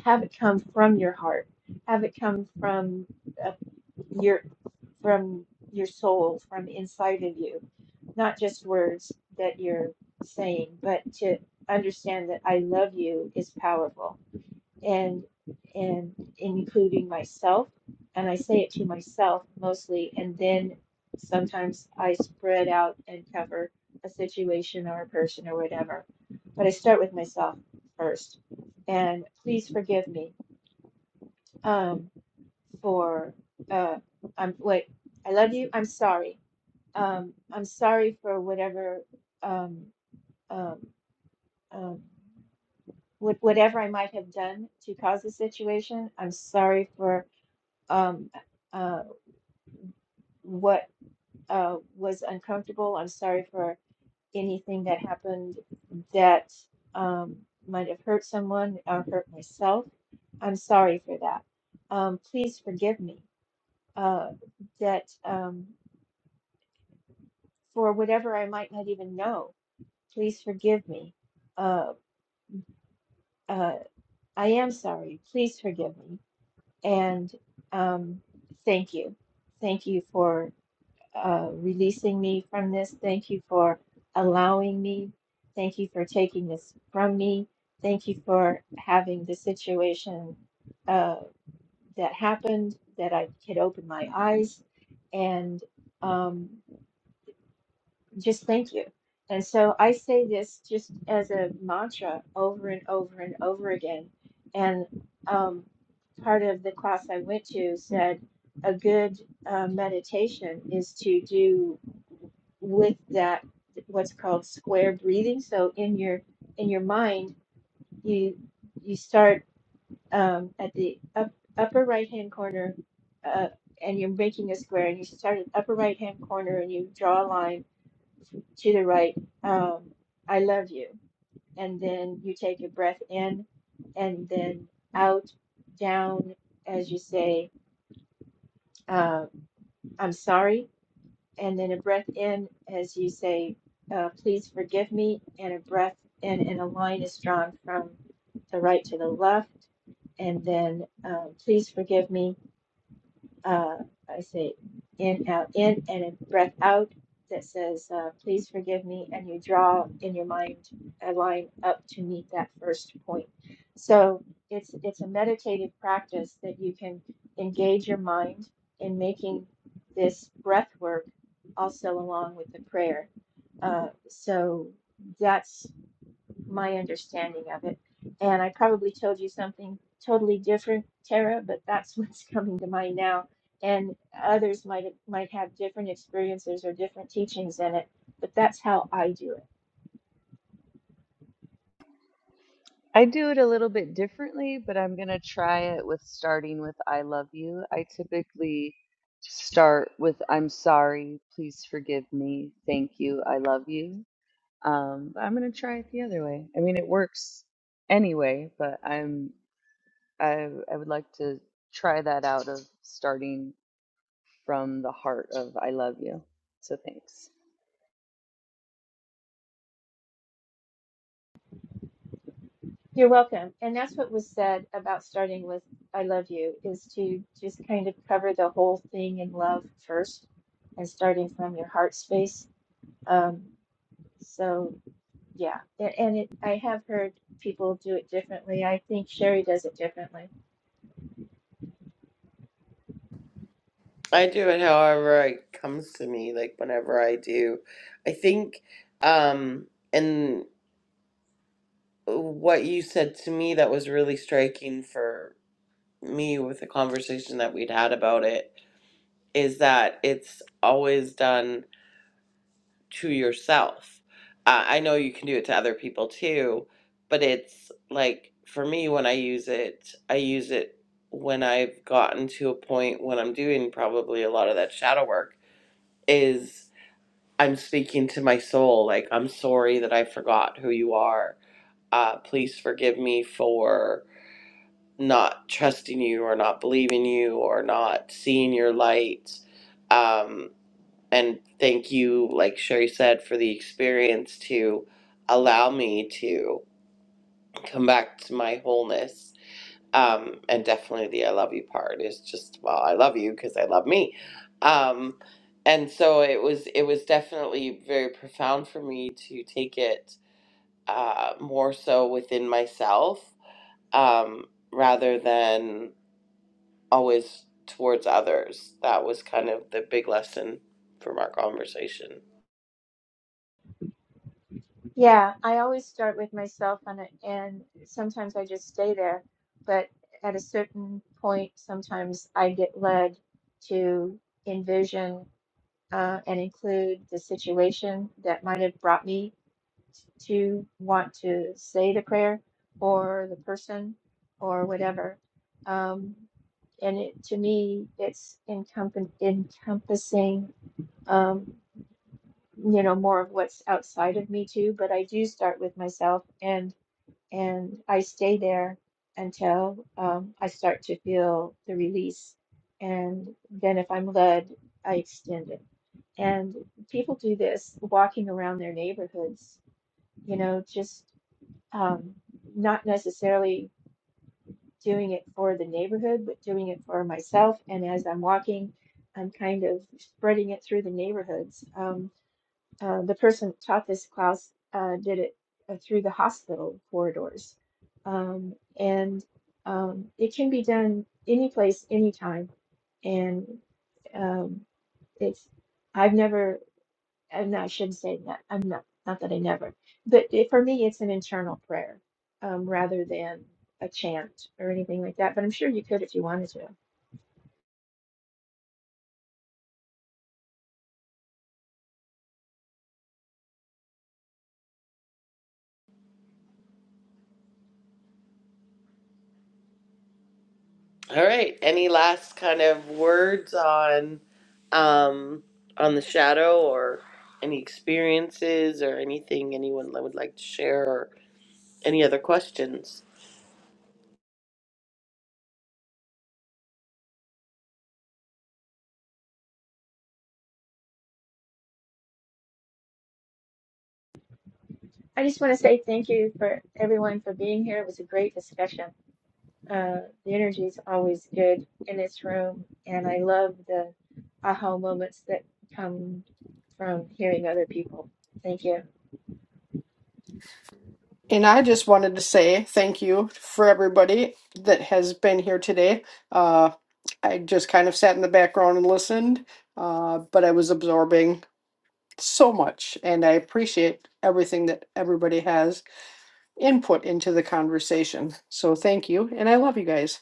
E: have it come from your heart have it come from a your from your soul from inside of you not just words that you're saying but to understand that i love you is powerful and and including myself and i say it to myself mostly and then sometimes i spread out and cover a situation or a person or whatever but i start with myself first and please forgive me Um, for uh I'm wait, I love you. I'm sorry. Um I'm sorry for whatever um um um what whatever I might have done to cause the situation. I'm sorry for um uh what uh was uncomfortable. I'm sorry for anything that happened that um might have hurt someone or hurt myself. I'm sorry for that. Um please forgive me. Uh that um. for whatever I might not even know. Please forgive me. Uh, uh, I am sorry. Please forgive me. And um, thank you. Thank you for uh, releasing me from this. Thank you for allowing me. Thank you for taking this from me. Thank you for having the situation uh, that happened that I could open my eyes. And um, just thank you. And so I say this just as a mantra over and over and over again. And um, part of the class I went to said a good uh, meditation is to do with that what's called square breathing. So in your in your mind, you you start um, at the up, upper right hand corner, uh, and you're making a square, and you start at upper right hand corner, and you draw a line to the right, um, I love you. And then you take a breath in and then out, down, as you say, uh, I'm sorry. And then a breath in as you say, uh, please forgive me. And a breath in, and a line is drawn from the right to the left. And then, um, please forgive me. uh, I say in, out, in, and a breath out that says, uh, please forgive me. And you draw in your mind a line up to meet that first point. So it's, it's a meditative practice that you can engage your mind in making this breath work also along with the prayer. Uh, so that's my understanding of it. And I probably told you something totally different, Tara, but that's what's coming to mind now. And others might have, might have different experiences or different teachings in it, but that's how I do it.
F: I do it a little bit differently, but I'm going to try it with starting with I love you. I typically start with I'm sorry, please forgive me, thank you, I love you. Um, but I'm going to try it the other way. I mean, it works anyway, but I'm I I would like to try that out of starting from the heart of I love you. So thanks.
E: You're welcome. And that's what was said about starting with I love you is to just kind of cover the whole thing in love first and starting from your heart space. Um, so yeah, A- and it, I have heard people do it differently. I think Sherry does it differently
B: I do it however it comes to me, like whenever I do. I think, um, and what you said to me that was really striking for me with the conversation that we'd had about it is that it's always done to yourself. Uh, I know you can do it to other people too, but it's like for me, when I use it, I use it when I've gotten to a point when I'm doing probably a lot of that shadow work is. I'm speaking to my soul. Like, I'm sorry that I forgot who you are. Uh, please forgive me for not trusting you or not believing you or not seeing your light. Um, and thank you, like Sherry said, for the experience to allow me to come back to my wholeness um and definitely the i love you part is just well i love you because i love me um and so it was it was definitely very profound for me to take it uh more so within myself um rather than always towards others that was kind of the big lesson from our conversation
E: Yeah, I always start with myself on it, and sometimes I just stay there. But at a certain point, sometimes I get led to envision uh, and include the situation that might have brought me to want to say the prayer or the person or whatever. Um, and it, to me, it's encompa- encompassing um, you know, more of what's outside of me too, but I do start with myself. And and I stay there until um, I start to feel the release. And then, if I'm led, I extend it. And people do this walking around their neighborhoods, you know, just um, not necessarily doing it for the neighborhood, but doing it for myself. And as I'm walking, I'm kind of spreading it through the neighborhoods. Um, uh, the person that taught this class uh, did it uh, through the hospital corridors. Um, and um, it can be done any place, anytime. And um, it's, I've never, I'm not, I shouldn't say that, I'm not, not that I never, but it, for me, it's an internal prayer um, rather than a chant or anything like that. But I'm sure you could if you wanted to.
B: All right. Any last kind of words on um on the shadow or any experiences or anything anyone would like to share or any other questions?
E: I just want to say thank you for everyone for being here. It was a great discussion. Uh, the energy is always good in this room, and I love the aha moments that come from hearing other people. Thank you.
A: And I just wanted to say thank you for everybody that has been here today. Uh, I just kind of sat in the background and listened, uh, but I was absorbing so much, and I appreciate everything that everybody has input into the conversation. So thank you, and I love you guys.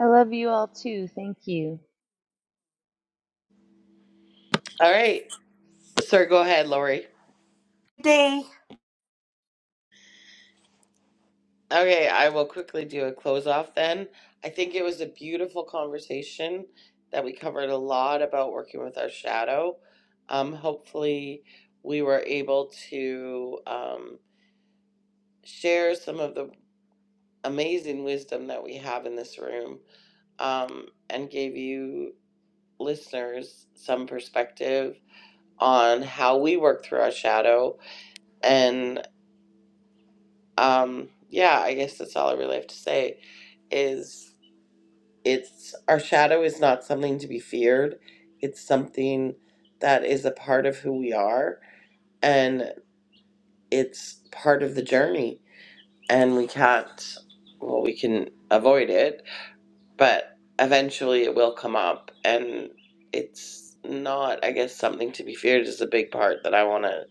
F: I love you all too. Thank you.
B: All right. Sir, go ahead, Lori.
D: day.
B: Okay, I will quickly do a close off then. I think it was a beautiful conversation that we covered a lot about working with our shadow. Um, hopefully, we were able to um, share some of the amazing wisdom that we have in this room um, and gave you listeners some perspective on how we work through our shadow. And um, yeah, I guess that's all I really have to say is it's our shadow is not something to be feared. It's something that is a part of who we are and it's part of the journey and we can't well we can avoid it but eventually it will come up and it's not i guess something to be feared is the big part that i want to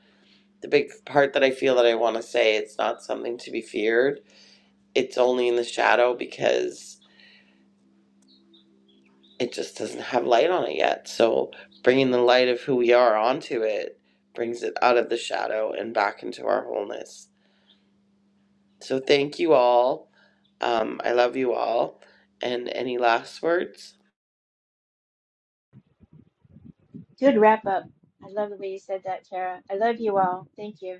B: the big part that i feel that i want to say it's not something to be feared it's only in the shadow because it just doesn't have light on it yet so bringing the light of who we are onto it brings it out of the shadow and back into our wholeness so thank you all um, i love you all and any last words
E: Good wrap up. I love the way you said that, Tara. I love you all. Thank you.